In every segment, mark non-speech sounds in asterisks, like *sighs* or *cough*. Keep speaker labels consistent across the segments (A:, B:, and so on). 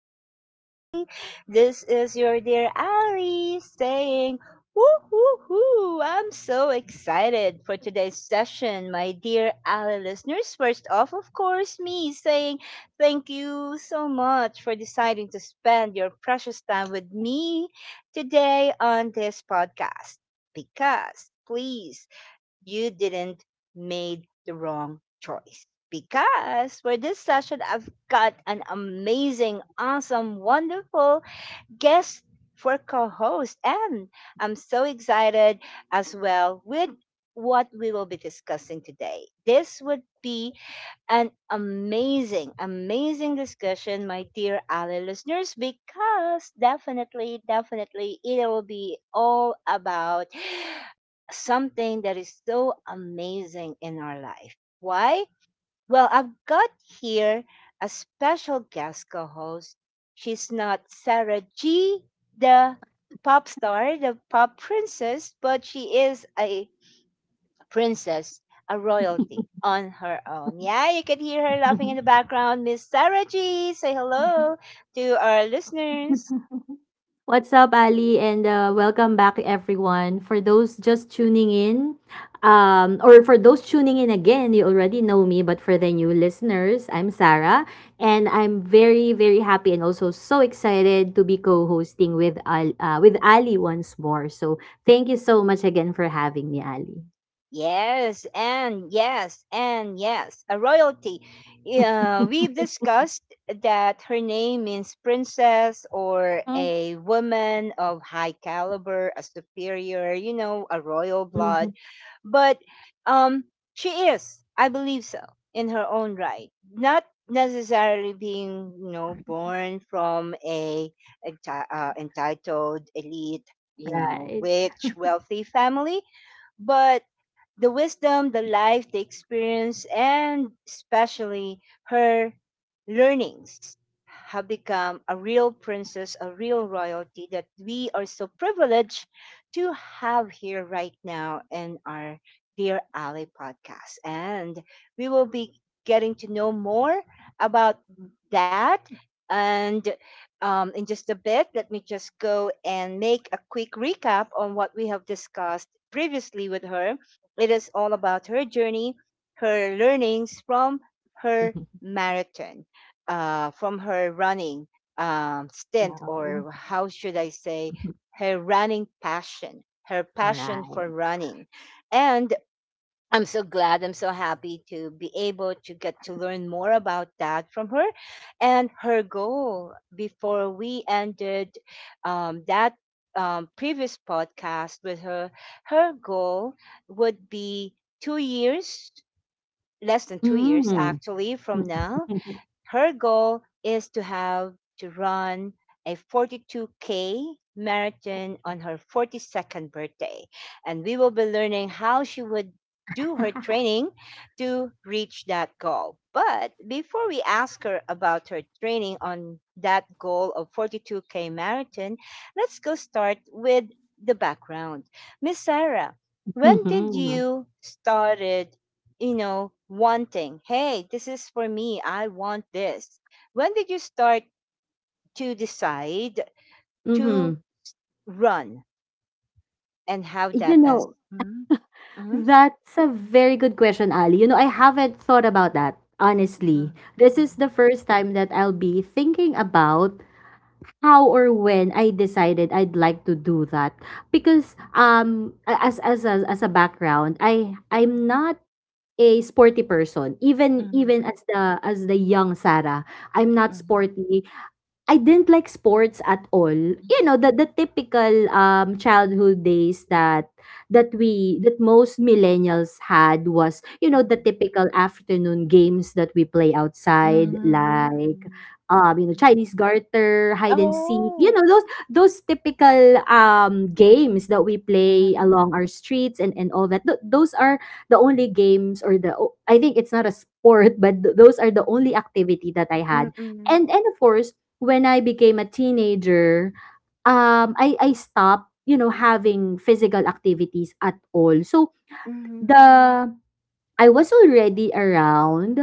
A: yay. This is your dear Ali saying, woo, woo, woo. I'm so excited for today's session, my dear Ali listeners. First off, of course, me saying thank you so much for deciding to spend your precious time with me today on this podcast. Because, please, you didn't made the wrong choice. Because for this session, I've got an amazing, awesome, wonderful guest for co-host, and I'm so excited as well with what we will be discussing today. This would be an amazing, amazing discussion, my dear Ali listeners, because definitely, definitely it will be all about *gasps* something that is so amazing in our life. Why? Well, I've got here a special guest co host. She's not Sarah G, the pop star, the pop princess, but she is a princess, a royalty on her own. Yeah, you can hear her laughing in the
B: *laughs*
A: background. Miss Sarah G, say hello to our listeners.
B: What's up, Ali, and welcome back, everyone. For those just tuning in, or for those tuning in again, you already know me, but for the new listeners, I'm Sarah, and I'm very, very happy and also so excited to be co-hosting with with Ali once more. So thank you so much again for having me, Ali.
A: Yes, and yes, and yes, a royalty. Yeah, we've discussed that her name means princess or
B: Mhm,
A: a woman of high caliber, a superior, you know, a royal
B: mhm.
A: blood. But um, she is, I believe so, in her own right. Not necessarily being, you know, born from a, entitled elite, you know,
B: Right.
A: rich, wealthy family, but the wisdom, the life, the experience, and especially her learnings have become a real princess, a real royalty that we are so privileged to have here right now in our Dear Ali podcast. And we will be getting to know more about that. And in just a bit, let me just go and make a quick recap on what we have discussed previously with her it is all about her journey, her learnings from her
B: *laughs*
A: marathon, from her running stint,
B: Wow.
A: or how should I say, her running passion, her
B: Right.
A: passion for running. And I'm so glad. I'm so happy to be able to get to learn more about that from her and her goal before we ended that previous podcast with her. Her goal would be 2 years, less than 2 years
B: Mm.
A: actually from now,
B: *laughs*
A: her goal is to have to run a 42K marathon on her 42nd birthday. And we will be learning how she would do her training to reach that goal. But before we ask her about her training on that goal of 42K marathon, let's go start with the background. Miss Sarah, when did
B: Mhm,
A: you started you know, wanting, hey, this is for me, I want this. When did you start to decide to
B: mhm.
A: run and how
B: You
A: that has?
B: know,
A: Mhm, mhm,
B: that's a very good question, Ali. You know, I haven't thought about that, honestly.
A: mhm,
B: This is the first time that I'll be thinking about how or when I decided I'd like to do that. Because as a background, I'm not a sporty person even
A: mhm,
B: even as the young Sarah. I'm not
A: mhm,
B: sporty. I didn't like sports at all. You know, the typical childhood days that that we that most millennials had was, you know,
A: mhm,
B: the typical afternoon games that we play
A: mhm,
B: outside
A: mhm, mhm,
B: like
A: mhm.
B: you know Chinese garter, hide and seek. You
A: Oh.
B: know, those typical games that we play
A: Mhm,
B: along our streets and all that. Those are the only games or I think it's not a sport, *laughs* but those are the only activity that I had.
A: mhm,
B: And of course when I became a teenager, I stopped, you know, having physical activities at all. So
A: mhm,
B: the I was already around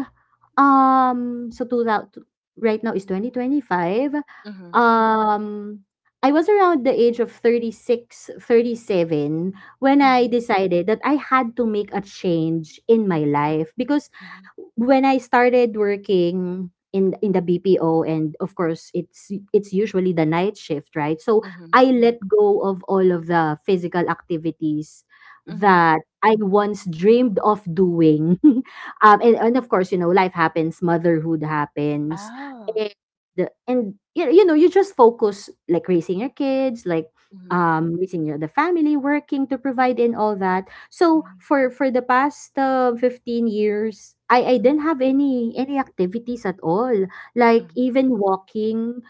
B: So two thou t right now is 2025.
A: mhm,
B: Um, I was around the age of 36, 37 when I
A: mhm,
B: decided that I had to make a change in my life because
A: mhm,
B: when I started working in the BPO and of course it's usually the night shift, right? So
A: mhm,
B: I let go of all of the physical activities
A: mhm.
B: that I once dreamed of doing. *laughs* And of course, you know, life happens, motherhood happens,
A: Oh.
B: and you know, you just focus like raising your kids, like
A: Mhm,
B: raising your the family, working to provide and all that. So
A: mhm,
B: for the past 15 years, I didn't have any activities at all. Like
A: mhm,
B: even walking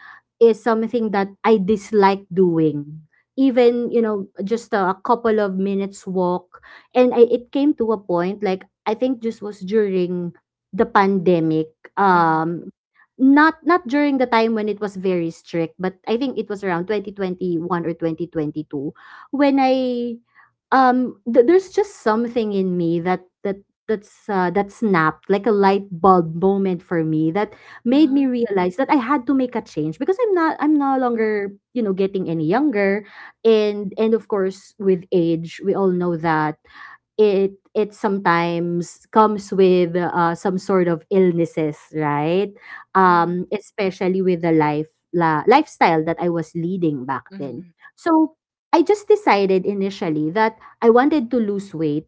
B: is something that I dislike doing. Even, you know, just a couple of minutes walk and I, it came to a point like I think this was during the pandemic.
A: mhm, mhm,
B: Um not not during the time when it was very strict, but I think it was around 2021 or 2022 when there's just something in me that snapped like a light bulb moment for me that made me
A: mhm,
B: realize that I had to make a change because I'm no longer you know getting any younger, and of course with age we all know that it sometimes comes with some sort of illnesses, right?
A: mhm.
B: Especially with the lifestyle that I was leading back then.
A: Mhm,
B: So I just decided initially that I wanted to lose weight,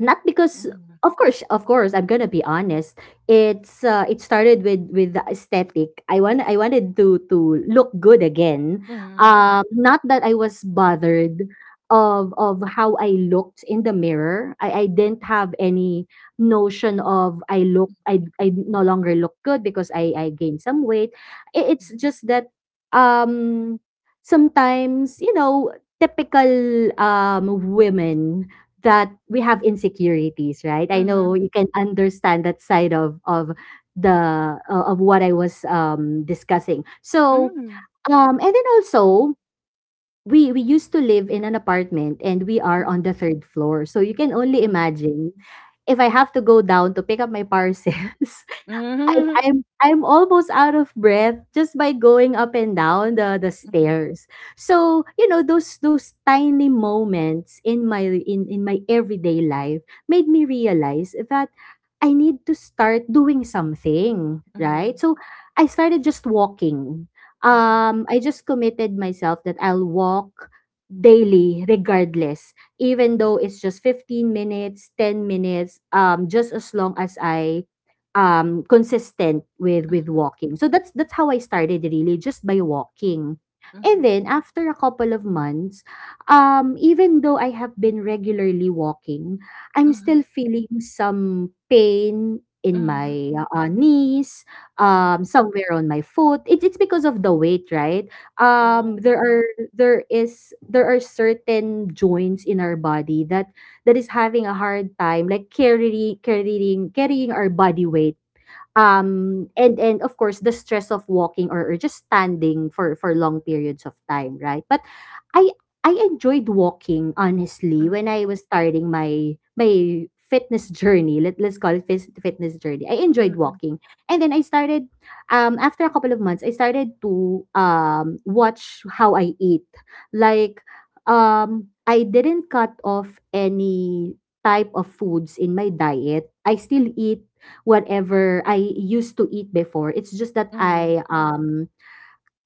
B: not because,
A: mhm,
B: of course, I'm gonna be honest, it started with the aesthetic. I wanted to look good again.
A: mhm,
B: Not that I was bothered of how I looked in the mirror. I didn't have any notion of I no longer look good because I gained some weight. It's
A: mhm,
B: just that, um sometimes you know typical women, that we have insecurities, right? I know
A: mhm,
B: you can understand that side of the o of what I was, discussing. So,
A: mhm,
B: and then also, we used to live in an apartment and we are on
A: mhm,
B: the third floor. So you can only
A: mhm,
B: imagine, if I have to go down to pick up my parcels *laughs* I'm
A: mhm,
B: I'm I'm almost out of breath just by going up and down the
A: mhm,
B: stairs. So, you know, those tiny moments in my in my everyday life made me realize that I need to start doing something, right?
A: mhm,
B: So, I started just walking.
A: mhm,
B: I just committed myself that I'll walk daily regardless, even though it's just 15 minutes, 10 minutes, just as long as I consistent with walking. So that's how I started, really just by walking. And
A: mhm,
B: then after a couple of months, even though I have been regularly walking, I'm still
A: mhm,
B: feeling some pain in
A: mhm,
B: my knees,
A: mhm.
B: somewhere on my foot. It's because of the weight, right? Um
A: Wow.
B: there are there is there are certain joints in our body that is having a hard time like carrying our body weight. And of course the stress of walking or just standing for long periods of time, right? But I I enjoyed walking, honestly, when
A: Mhm,
B: I was starting my fitness *laughs* journey. Let's call it fitness journey. I enjoyed
A: mhm,
B: walking, and then I started. After a couple of months, I started to watch how I eat. Like, I didn't cut off any type of foods in my diet. I still eat whatever I used to eat before. It's just that
A: mhm,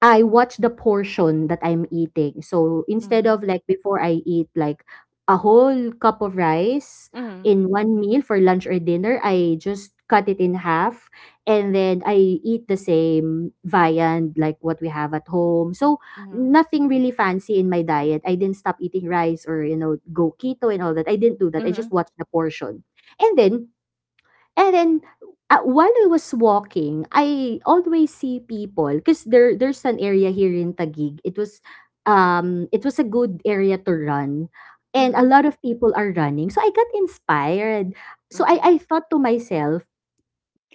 B: I watch the portion that I'm eating. So
A: mhm,
B: instead of,
A: mhm,
B: like, before I eat like a whole cup of rice
A: mhm,
B: in one meal for lunch or dinner, I just cut it in half, and then I eat the same viand like what we have at home. So
A: mhm,
B: nothing really fancy in my diet. I didn't stop eating rice or you know go keto and all that. I didn't do that. I just
A: mhm,
B: watched the portion. And then, and then while I was walking, I always see people because there's an area here in Taguig. It was, it was a good area to run. And a
A: mhm,
B: lot of people are running. So I got inspired. So
A: mhm,
B: I thought to myself,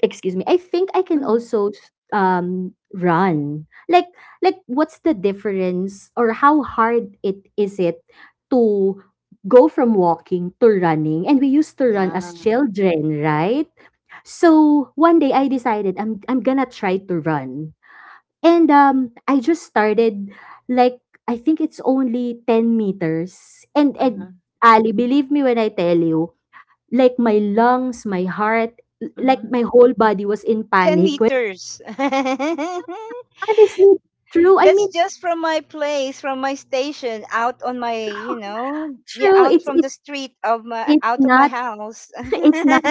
B: excuse me, I think I can
A: mhm.
B: also run. Like what's the difference or how hard it is it to go from walking to running, and we used to run as
A: Wow.
B: children, right? So one day I decided I'm gonna try to run. And I just started, like, I think it's only 10 meters.
A: Uh-huh,
B: And Ali, believe me when I tell you, like, my lungs, my heart, like
A: mhm.
B: my whole body was in
A: 10
B: panic.
A: liters. *laughs*
B: Honestly, true. I
A: That's
B: mean,
A: just from my place, from my station, out on my, you know, yeah,
B: true.
A: out from the street of my,
B: It's
A: out of my
B: not
A: house.
B: *laughs*
A: *laughs*
B: it's not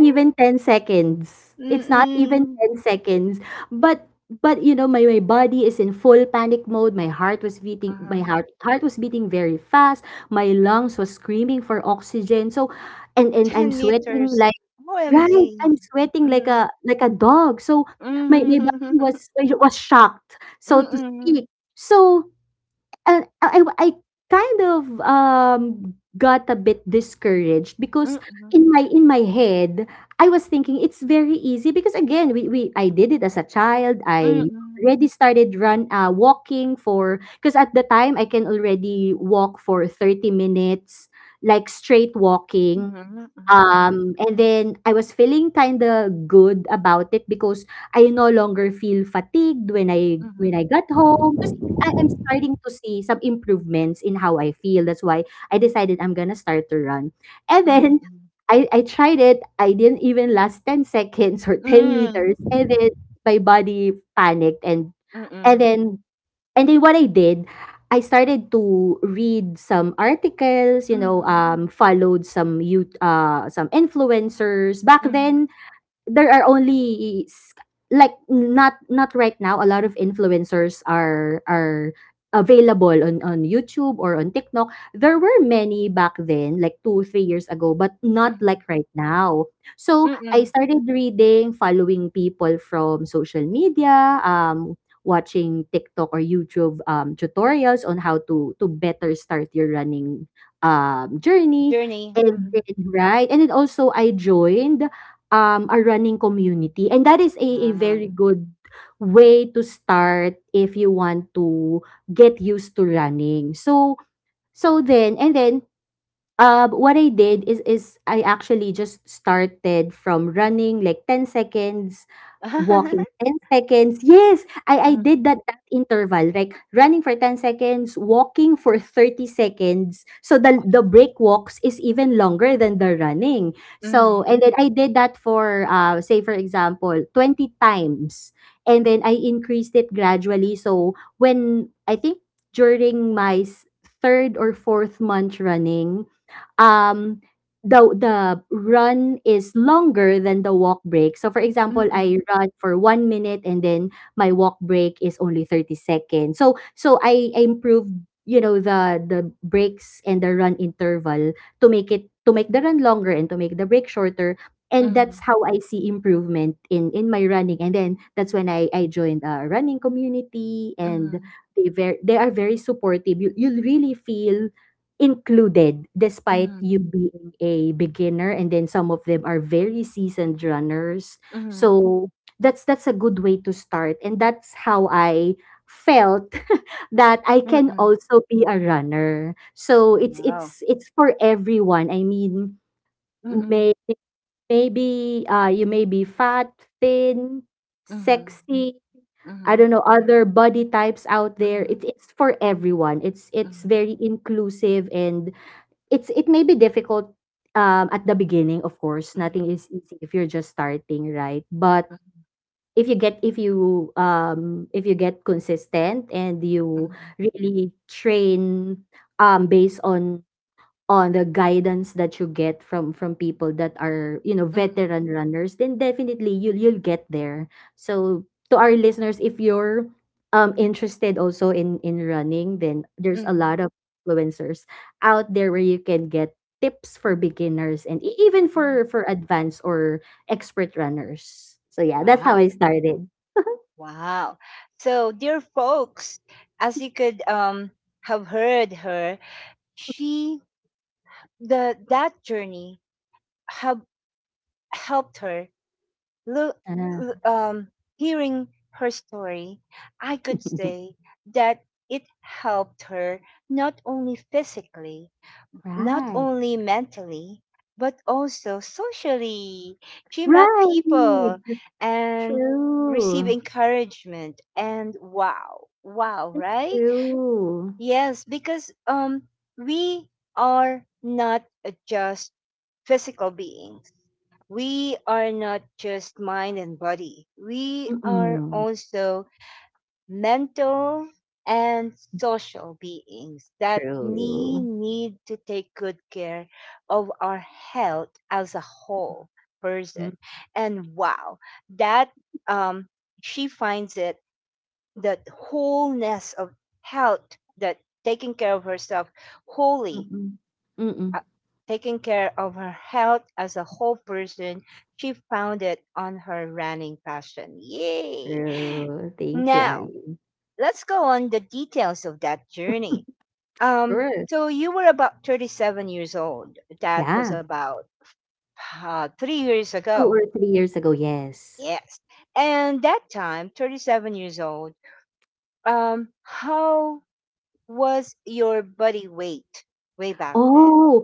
B: even 10 seconds. It's not even
A: Mm-mm.
B: 10 seconds. But you know my, my body is in full panic mode. My heart was beating, my
A: Uh-huh.
B: heart was beating very fast. My lungs was screaming for oxygen. So, and I'm
A: 10
B: sweating
A: meters.
B: like,
A: OMG.
B: right, I'm sweating
A: Mm-hmm.
B: like a dog. So my body
A: Mm-hmm.
B: was shocked. So to
A: Mm-hmm.
B: speak. So. And I kind of, got a bit discouraged because
A: *laughs*
B: in my head, I was thinking it's very easy because again, we I did it as a child. I
A: Mm-hmm.
B: already started run walking, for because at the time I can already walk for 30 minutes, like straight walking.
A: Mm-hmm. Mm-hmm.
B: And then I was feeling kinda good about it because I no longer feel fatigued
A: Mm-hmm.
B: when I got home kasi I am starting to see some improvements in how I feel. That's why I decided I'm gonna start to run. And
A: Mm-hmm.
B: then I tried it. I didn't even last 10 seconds or *laughs* 10 meters, and then my body panicked
A: Mm-hmm. Mm-hmm.
B: and then And then what I did, I started to read some articles, you know, followed some influencers. Back then, there are only s- like not not right now a lot of influencers are available on YouTube or on TikTok. There were many back then, like 2 3 years ago, but not
A: Mm-hmm.
B: like right now. So I
A: Mm-hmm.
B: started reading, following people from social media, watching TikTok or YouTube tutorials on how to better start your running journey.
A: Journey.
B: And
A: Mm-hmm.
B: then, right, and then also I joined a running community. And that is a very good way to start if you want to get used to running. So, so then and then what I did is I actually just started from running like 10 seconds,
A: Ah.
B: walking
A: *laughs*
B: 10 seconds. Yes, I did
A: Mhm,
B: that interval, like running for 10 seconds, walking for 30 seconds. So the break walks is even longer than the running. So
A: mm,
B: and then I did that for say for example, 20 times. And then I increased it gradually. So when I think during third or fourth month running, um the run is longer than the walk break. So for example, I
A: mm-mm,
B: run for 1 minute and then my walk break is only 30 seconds. So I improved, the breaks and the run interval to make it to make the run longer and to make the break shorter. And that's
A: mm,
B: how I see improvement in my running. And then that's when I joined a running community
A: mm,
B: and
A: mhm,
B: they are very supportive. You really feel included despite you
A: mhm,
B: being a beginner, and then some of them are very seasoned runners.
A: mhm,
B: So that's a good way to start, and that's how I felt *laughs* that I
A: mm.
B: can
A: Mm-mm.
B: also be a runner. So it's
A: Wow.
B: it's it's for everyone, I mean.
A: Mm,
B: may, Maybe you may be fat, thin,
A: mhm,
B: sexy.
A: mhm,
B: I
A: mhm,
B: don't know, other body types out there. it,
A: mhm,
B: it's for everyone. It's
A: mhm,
B: very inclusive. And It's it may be difficult, at the beginning, of course. Nothing
A: mhm,
B: is easy if you're just starting, right? But if you get consistent and you
A: mhm,
B: really train, based on the guidance that you get from people that are,
A: mhm,
B: veteran runners, then definitely you'll get there. So to our listeners, if you're interested also in running, then there's a
A: mhm,
B: lot of influencers out there where you can get tips for beginners and even
A: mhm.
B: for advanced or expert runners. So yeah, that's how
A: Wow,
B: I started.
A: wow. So, dear folks, as you could have heard her, she the that journey have helped her look,
B: Ah,
A: l- um, hearing her story, I could
B: *laughs*
A: say that it helped her not only physically, not
B: right,
A: only mentally, but also socially. She met
B: right,
A: people and received
B: true,
A: encouragement and wow, wow,
B: that's
A: right?
B: true.
A: Yes, because we are not just physical beings, we are not just mind and body. We are
B: Mm,
A: also mental and social beings that we
B: true.
A: need to take good care of our health as a whole
B: Mm,
A: person. And wow, that um, she finds it that wholeness of health, that taking care of herself wholly
B: mm. Mm.
A: uh, taking care of her health as a whole person, she found it on her running passion. Yay!
B: True. Thank you,
A: Now,
B: Ali.
A: let's go on the details of that journey. Um,
B: Sure.
A: so you were about 37 years old. That was
B: Yeah,
A: about 3 years
B: 2
A: ago.
B: or 3 years ago, yes.
A: Yes. And that time, 37 years old, how was your body weight way back then?
B: Oh,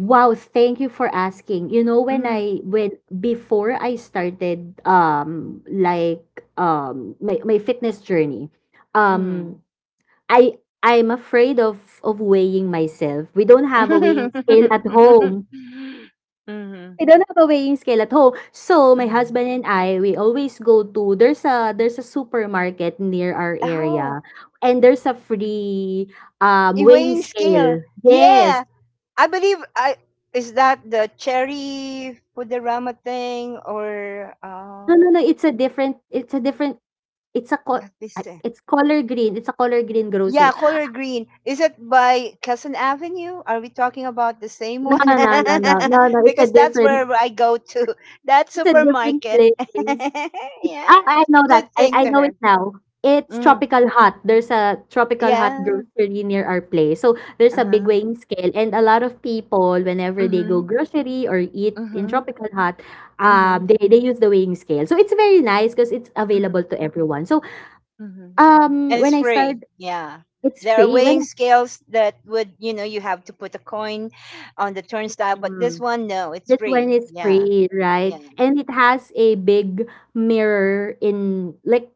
B: wow, thank you for asking. You know, when I,
A: Mm,
B: when before I started like my, fitness journey, um
A: mm.
B: I'm afraid of weighing myself. We don't have a weighing scale at home.
A: *laughs* Mhm.
B: I don't have a weighing scale at home. So, my
A: Mhm.
B: husband and I, we always go to there's a supermarket near our
A: Oh,
B: area, and there's a free,
A: in
B: weighing
A: weighing scale.
B: scale.
A: Yeah,
B: Yes.
A: I believe I is that the cherry Fudorama thing or
B: No, no, no, it's a different it's a
A: what
B: co
A: is
B: ah,
A: it?
B: it's color green, it's a color green
A: Yeah,
B: grocery.
A: color green. Is it by Cousin Avenue? Are we talking about the same
B: No,
A: one?
B: no, no, no,
A: *laughs*
B: no, no, it's a
A: Because that's
B: different
A: where I go to that supermarket.
B: place.
A: *laughs*
B: It's,
A: Yeah,
B: ah, I know that.
A: good thing
B: I
A: to
B: know
A: her.
B: it now. It's
A: Mm.
B: Tropical Hut. There's a Tropical Hut
A: Yeah.
B: grocery near our place. So, there's a big
A: Uh-huh.
B: weighing scale, and a lot of people whenever they go
A: Mm-hmm.
B: grocery or eat in
A: Mhm,
B: Tropical Hut,
A: mhm,
B: they use the weighing scale. So, it's very nice because it's available
A: mhm,
B: to everyone. So,
A: mhm. And
B: when
A: it's
B: I
A: free.
B: started
A: Yeah.
B: it's
A: There are
B: free
A: weighing
B: when,
A: scales that would, you know, you have to put a coin on the turnstile, but this
B: mm.
A: one, no, it's
B: This one
A: free.
B: is
A: Yeah.
B: free, right?
A: Yeah.
B: And it has a big mirror in, like,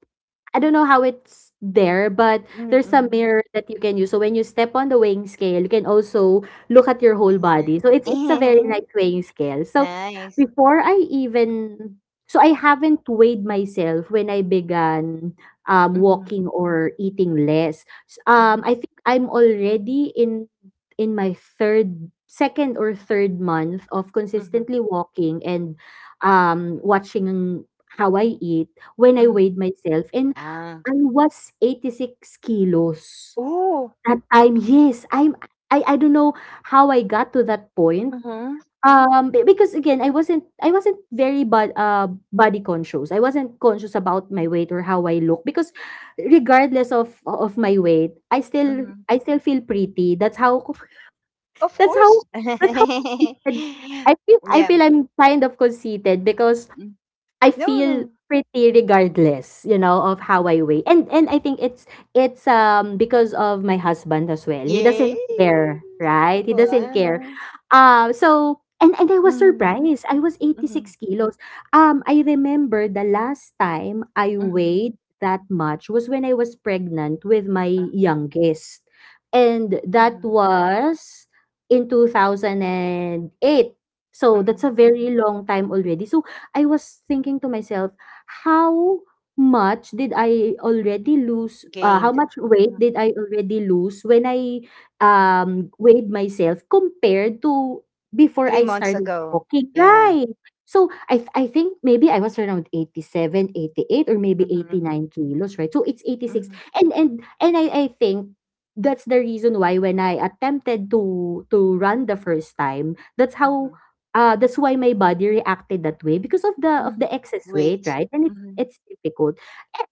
B: I don't know how it's there, but there's a
A: Mm-mm.
B: mirror that you can use. So when you step on the weighing scale, you can also look at your whole body. So it's
A: *laughs*
B: a very nice weighing scale. So
A: Nice.
B: before I even, I haven't weighed myself when I began walking
A: Mhm,
B: or eating less.
A: mhm,
B: I think I'm already in my third second or third month of
A: mhm,
B: consistently walking and watching how I eat when I
A: mhm.
B: weighed myself, and
A: Ah.
B: I was 86 kilos
A: Ooh.
B: that time. Yes, I'm, I don't know how I got to that point.
A: Mhm,
B: Because again, I wasn't, I wasn't very but body conscious. I wasn't conscious about my weight or how I look, because regardless of my weight,
A: mhm.
B: I still feel pretty. That's how
A: Of
B: That's how
A: course.
B: that's how conceited,
A: *laughs*
B: I
A: Yeah.
B: feel I'm kind of conceited, because
A: Mm,
B: I
A: no.
B: feel
A: No.
B: pretty regardless, you know, of how I weigh. And I think it's because of my husband as well. He
A: Yay.
B: doesn't care, right? He doesn't care.
A: Wow.
B: So and I was
A: Mhm.
B: surprised. I was
A: Mhm,
B: 86 kilos. I remember the last time I
A: mhm,
B: weighed that much was when I was pregnant with my
A: ah,
B: youngest. And that
A: mhm,
B: was in 2008. So that's a
A: mhm,
B: very long time already. So I was thinking to myself, how much did I already lose? How
A: gained,
B: much weight
A: mhm,
B: did I already lose when I
A: mhm,
B: weighed myself compared to before
A: 3
B: I
A: months
B: started
A: ago.
B: walking?
A: Yeah.
B: Right. So I think maybe I was around 87, 88, or maybe
A: Mhm,
B: 89 kilos, right? So it's 86.
A: mhm,
B: And and I think that's the reason why when I attempted to run the first time, that's
A: mhm,
B: how, ah, that's why my body reacted that way, because of the
A: mm,
B: excess weight,
A: weight.
B: right? And it's
A: Mhm,
B: it's difficult.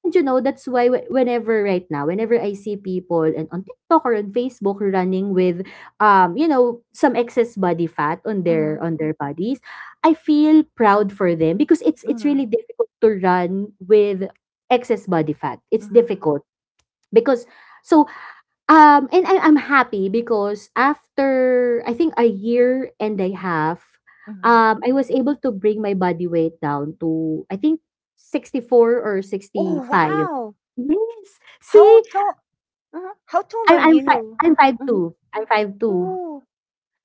B: And you know, that's why whenever right now, whenever I see people and on TikTok or on Facebook running with, you know, some excess body fat
A: mhm,
B: on their bodies, I feel proud for them because it's it's
A: mhm,
B: really difficult to run with excess body fat. It's
A: mhm,
B: difficult because, so, and I'm happy because after I think a year and a half,
A: mhm.
B: I was able to bring my body weight down to I think 64 or sixty
A: Oh,
B: five.
A: wow!
B: Yes.
A: How
B: See,
A: tall uh huh, how tall are
B: I'm five
A: you?
B: I'm five
A: Mhm.
B: two I'm 5'2".
A: Oh,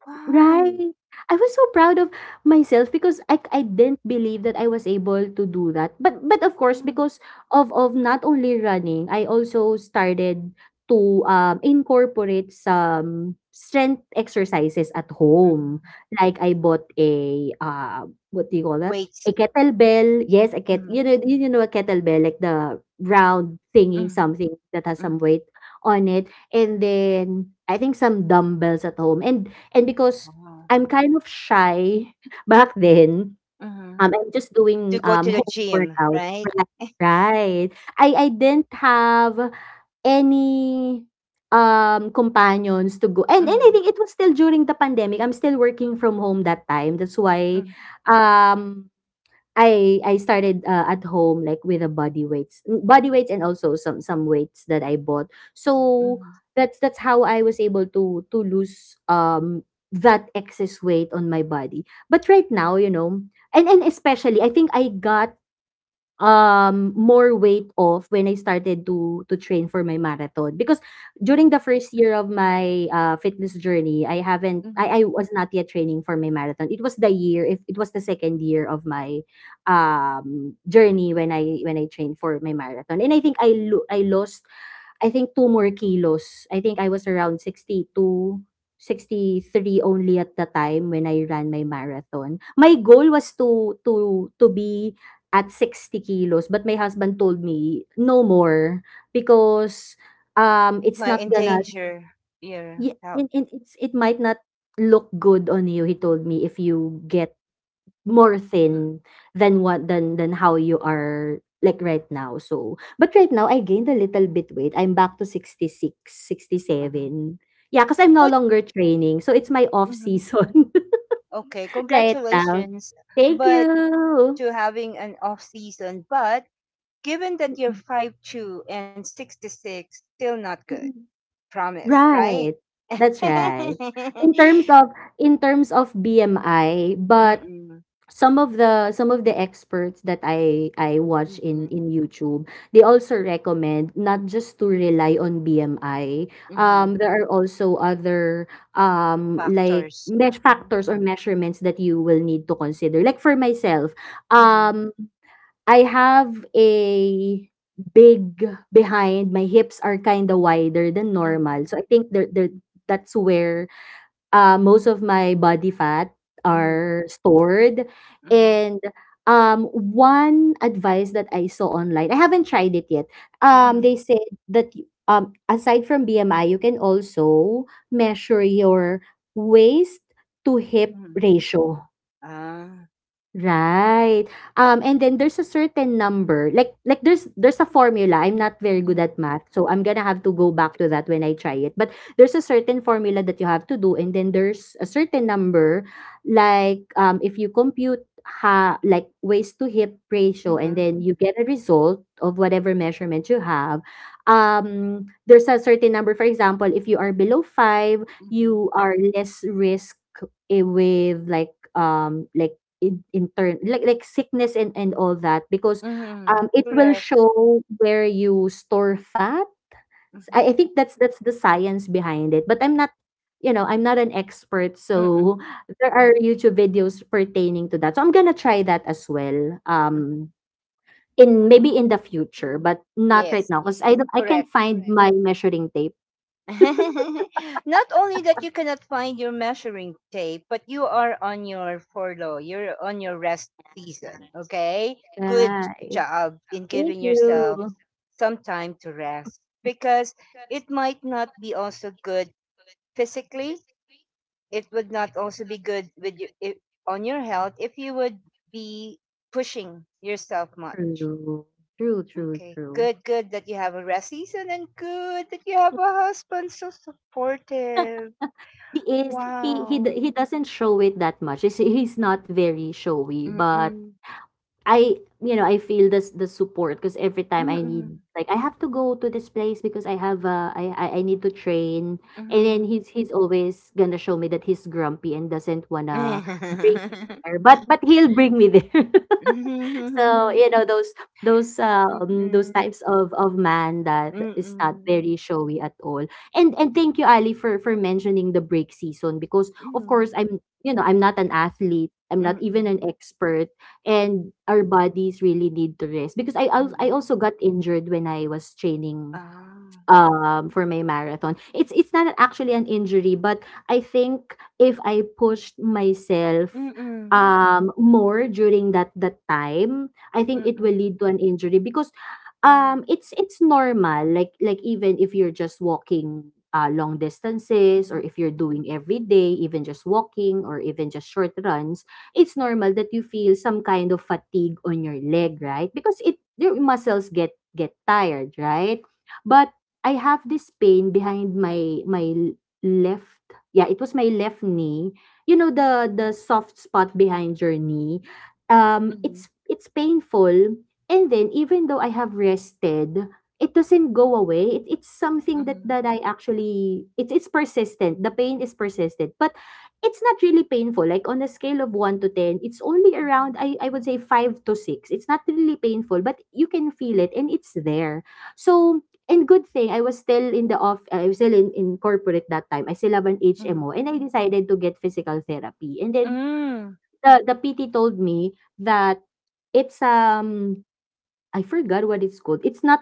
A: wow.
B: Right. I was so proud of myself because I didn't believe that I was able to do that. But of course,
A: Mhm,
B: because of not only running, I also started to incorporate some strength exercises at home.
A: mhm.
B: Like I bought a what do you call that?
A: Weight.
B: A kettlebell. Yes, a ket
A: Mhm,
B: you know a kettlebell, like the round thingy,
A: mhm,
B: something that has
A: mhm.
B: some weight on it, and then I think some dumbbells at home and because
A: Wow.
B: I'm kind of shy *laughs* back then,
A: Mhm.
B: I'm just
A: To
B: doing,
A: go to the
B: home
A: gym,
B: workouts.
A: right?
B: Right, right. I didn't have any, companions to go, and I
A: Mhm,
B: think it was still during the pandemic. I'm still working from home that time. That's why,
A: mhm,
B: um I started at home, like with a body weights, mm, body weights, and also some weights that I bought. So
A: mhm,
B: that's how I was able to lose that excess weight on my body. But right now, you know, and especially I think I got, more weight off when I started to train for my marathon, because
A: mhm,
B: during the first year of my, fitness journey,
A: mhm.
B: I was not yet training for my marathon. It was the year, if it was the second year of my journey when I trained for my marathon. And I think I lost, I think, two more kilos. I think I was around 62, 63 only at the time when I ran my marathon. My goal was to be at 60 kilos, but my husband told me, "No more," because, it's
A: Might
B: not gonna,
A: endanger your
B: yeah,
A: health.
B: and it's it might not look good on you, he told me, if you get more
A: Mm,
B: thin than what than how you are, like, right now. So, but right now I gained a little bit weight. I'm back to sixty six sixty
A: mhm.
B: seven Yeah, because I'm
A: But
B: no longer training. So it's my off
A: mhm.
B: season
A: Okay,
B: *laughs* right now.
A: congratulations,
B: Thank
A: but
B: you.
A: to having an off season. But given that you're 5'2" and 66, still not good. Promise, right?
B: Right. That's right. In terms of
A: *laughs*
B: in terms of BMI. But
A: Mm-mm,
B: some of the experts that I watch
A: mm-mm,
B: in YouTube, they also recommend not just to rely on BMI.
A: mm-hmm.
B: There are also other like
A: Factors.
B: mesh
A: Mm-hmm,
B: factors or measurements that you will need to consider. Like for myself,
A: mm-hmm,
B: um, I have a big behind. My hips are kind of wider than normal,
A: mm-hmm,
B: so I think there there that's where, most of my body fat are stored.
A: mm-hmm,
B: And one advice that I saw online, I haven't tried it yet.
A: mm-hmm, mm-hmm,
B: They said that aside from BMI, you can also measure your waist to hip
A: mm-hmm.
B: ratio.
A: Ah,
B: Right. And then there's a certain number, there's a formula. I'm not very good
A: mm-hmm,
B: at math, so I'm gonna have to go back to that when I try it. But there's a certain formula that you have to do, and then there's a certain number, like, if you compute ha like waist to hip ratio, and
A: mm-hmm,
B: then you get a result of whatever measurement you have. There's a certain number. For example, if you are below five,
A: mm-hmm,
B: you are less risk, with like, in turn like sickness and all that, because
A: mm-hmm.
B: it will
A: Correct.
B: show where you store fat. I think that's the science behind it, but I'm not, you know, I'm not an expert.
A: Mm-hmm.
B: So there are YouTube videos pertaining to that, so I'm gonna try that as well,
A: Mhm.
B: in maybe in the future, but not right
A: Yes,
B: now because I can't
A: correct.
B: find my measuring tape.
A: *laughs* Not only that you cannot find your measuring tape, but you are on your furlough. You're on your rest season. Okay. Good
B: Right.
A: job in
B: Thank
A: giving yourself
B: you.
A: some time to rest because it might not be also good physically. It would not also be good with you, I on your health if you would be pushing yourself much.
B: true
A: Okay.
B: True.
A: Good, good that you have a rest season and good that you have a husband so supportive.
B: He is.
A: Wow.
B: He doesn't show it that much. He's, not very showy, but
A: Mm-mm.
B: I I feel this the support because every time I need,
A: Mm-mm.
B: like, I have to go to this place because I have I need to train, and then
A: Mm-mm.
B: he's always gonna show me that he's grumpy and doesn't wanna bring me there,
A: *laughs*
B: but he'll bring me there. *laughs* So you
A: Mm-mm.
B: know those those
A: Mm-mm.
B: types of man that
A: Mm-mm.
B: is not
A: Mm-mm.
B: very showy at all. And thank you, Ali, for mentioning the break season because of course I'm I'm not an athlete, I'm
A: Mm-mm.
B: not even
A: Mm-mm.
B: an expert, and our bodies really need to rest because I
A: Mm-mm.
B: also got injured when I was training
A: Ah.
B: for my marathon. It's not actually an injury, but I think if I pushed myself
A: Mm-mm.
B: more during that time, I think it will
A: Mm-mm.
B: lead to an injury because it's normal, like, even if you're just walking long distances or
A: Mm-mm.
B: if you're doing every day, even just walking or even just short runs, it's normal that you feel some kind of fatigue on your
A: Mm-mm.
B: leg, right? Because it your muscles get tired, right? But I have this pain behind my left. Yeah, it was my left knee. You know the soft spot behind your knee. Um,
A: Mm-mm.
B: it's it's painful, and then even though I have rested, it doesn't go away. It's
A: Mm-mm.
B: something that
A: Mm-mm.
B: that I actually it's persistent. The pain is persistent, but it's not really painful. Like, on a scale of one to ten, it's only around, I would say, five to six. It's not really painful, but you can feel it and it's there. So. And good thing I was still in the off I was still in, corporate that time. I still have an HMO
A: Mm-mm.
B: and I decided to get physical therapy. And then
A: Mm.
B: the PT told me that it's I forgot what it's called.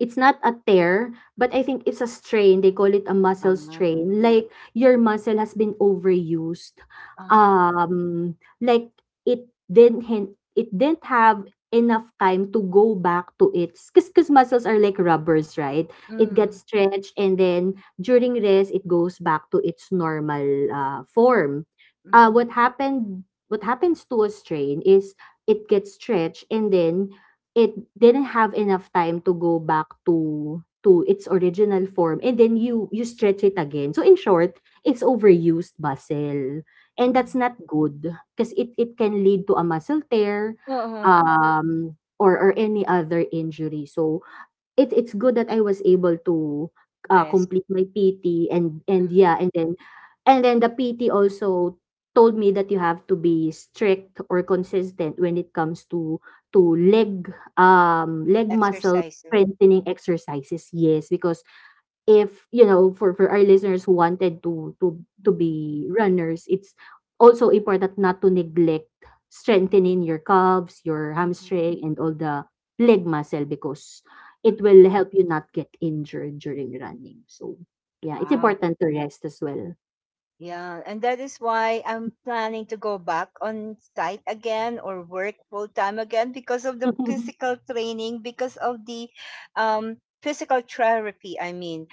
B: It's not a tear, but I think it's a strain. They call it a muscle
A: Ah.
B: strain. Like, your muscle has been overused.
A: Ah.
B: Um like it didn't have enough time to go back to its cause muscles are like rubbers, right? It gets
A: Mm.
B: stretched and then during rest it goes back to its normal form.
A: Mhm,
B: What happens to a strain is it gets stretched and then it didn't have enough time to go back to its original form, and then you stretch it again. So in short, it's overused muscle, and that's
A: mhm.
B: not good because it can lead to a muscle tear
A: Oo,
B: or any other injury. So it's good that I was able to,
A: rest,
B: complete my PT. And
A: mhm,
B: yeah and then and then the PT also told me that you have to be strict or consistent when it comes to to leg leg muscle
A: exercising.
B: strengthening exercises. Yes, because, if you know, for our listeners who wanted to
A: Mhm,
B: be runners, it's also important not to neglect strengthening your calves, your
A: mhm,
B: hamstring, and all the leg muscle, because it
A: mhm.
B: will help you not get injured during running. So yeah, it's
A: Wow.
B: important to rest as well.
A: Yeah, and that is why I'm planning to go back on site again or work full time again because of the
B: *laughs*
A: physical training, because of the physical therapy. I mean,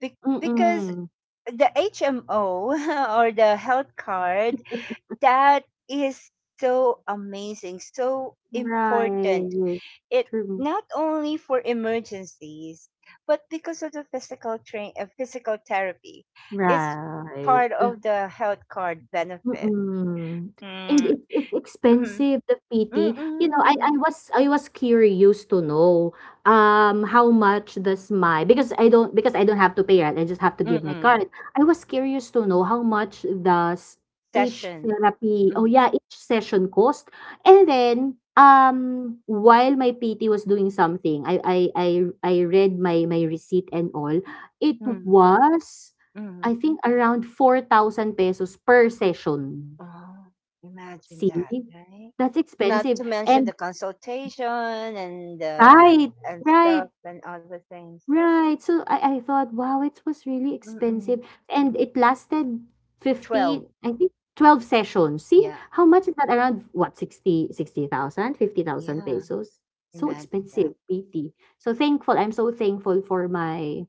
A: Be-
B: Mm.
A: because the HMO *laughs* or the health card
B: *laughs*
A: that is so amazing, so important
B: Right.
A: it
B: True.
A: not only for emergencies but because of the physical therapy it's
B: Right.
A: part of the health card benefit.
B: Mm, and
A: Mm,
B: it's
A: mm,
B: expensive, the
A: mm,
B: PT. You know,
A: mm,
B: I was curious to know, how much does my, because I don't have to pay, right? I just have to
A: mm,
B: give my
A: mm,
B: card. I was curious to know how much does each
A: session,
B: therapy, oh,
A: mm,
B: yeah, each session cost? And then, while my PT was doing something, I read my receipt and all. It
A: mm,
B: was,
A: mm.
B: I think, around 4,000 pesos per session.
A: Oh, imagine that,
B: See?
A: right?
B: That's
A: Not
B: expensive.
A: to mention
B: And
A: the consultation
B: right,
A: and
B: right,
A: stuff and other things.
B: right. So, I thought, wow, it was really expensive.
A: Mm-mm.
B: And it lasted
A: 12
B: 50, I think 12 sessions. See?
A: yeah,
B: How much is that? Around, what, 60 60,000, 50,000
A: yeah,
B: pesos? So
A: imagine that
B: expensive, PT. So thankful. I'm so thankful for my,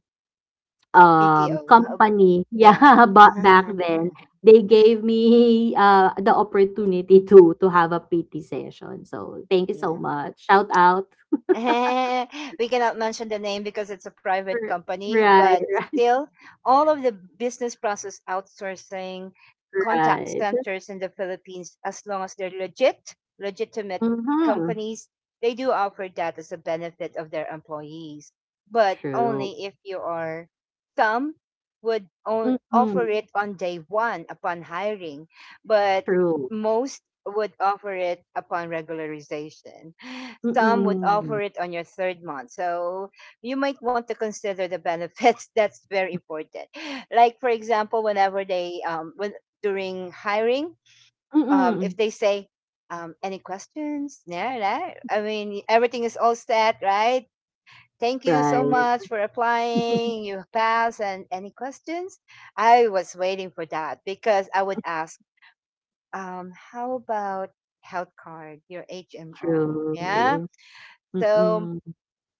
A: bto.
B: company. *laughs*
A: Yeah.
B: Yeah, but back then,
A: *laughs*
B: they gave me, the opportunity to have a PT session. So, thank you so
A: Yeah.
B: much. Shout out
A: *laughs* We cannot mention the name because it's a private
B: for
A: company, but
B: right,
A: still, all of the business process outsourcing
B: *laughs*
A: contact
B: right, right.
A: centers in the Philippines, as long as they're legit, legitimate
B: Mhm.
A: companies, they do offer that as a benefit of their employees, but
B: True.
A: only if you are some would
B: Mm-mm.
A: offer it on day one upon hiring, but
B: True.
A: most would offer it upon regularization. Some would
B: Mm-mm.
A: offer it on your third month. So you might want to consider the benefits. *laughs* That's very important. Like, for example, whenever they, when during hiring, if
B: Mm-mm.
A: they say, any questions? Yeah, right? I mean, everything is all set, right? Thank you so
B: Right.
A: much for
B: *laughs*
A: applying. You pass. And any questions? I was waiting for that because I would ask, how about health card, your HMO? Yeah.
B: True.
A: So
B: Mm-mm.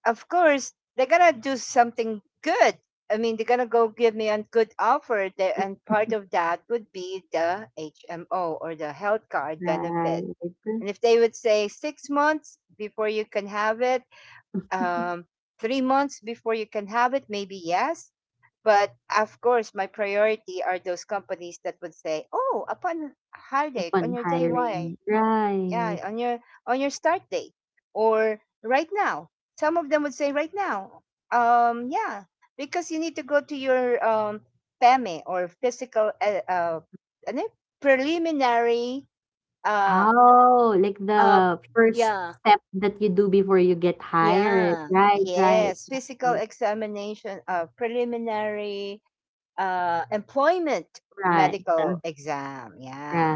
A: of course they're gonna do something good, I mean they're gonna go give me a good offer that, and part of that would be the HMO or the health card benefit,
B: Right.
A: and if they would say 6 months before you can have it, um,
B: *laughs*
A: 3 months before you can have it, maybe yes, but of course my priority are those companies that would say oh upon heartache on
B: Upon
A: your day one.
B: hiring. Right.
A: Yeah, on your start date, or right now, some of them would say right now, yeah, because you need to go to your PEME or physical ano yun? Preliminary uh
B: Oh, like
A: uh
B: the first
A: yeah,
B: step that you do before you get hired.
A: yeah,
B: Right, right,
A: yes, physical
B: right,
A: examination, uh, preliminary employment
B: right,
A: medical exam, yeah.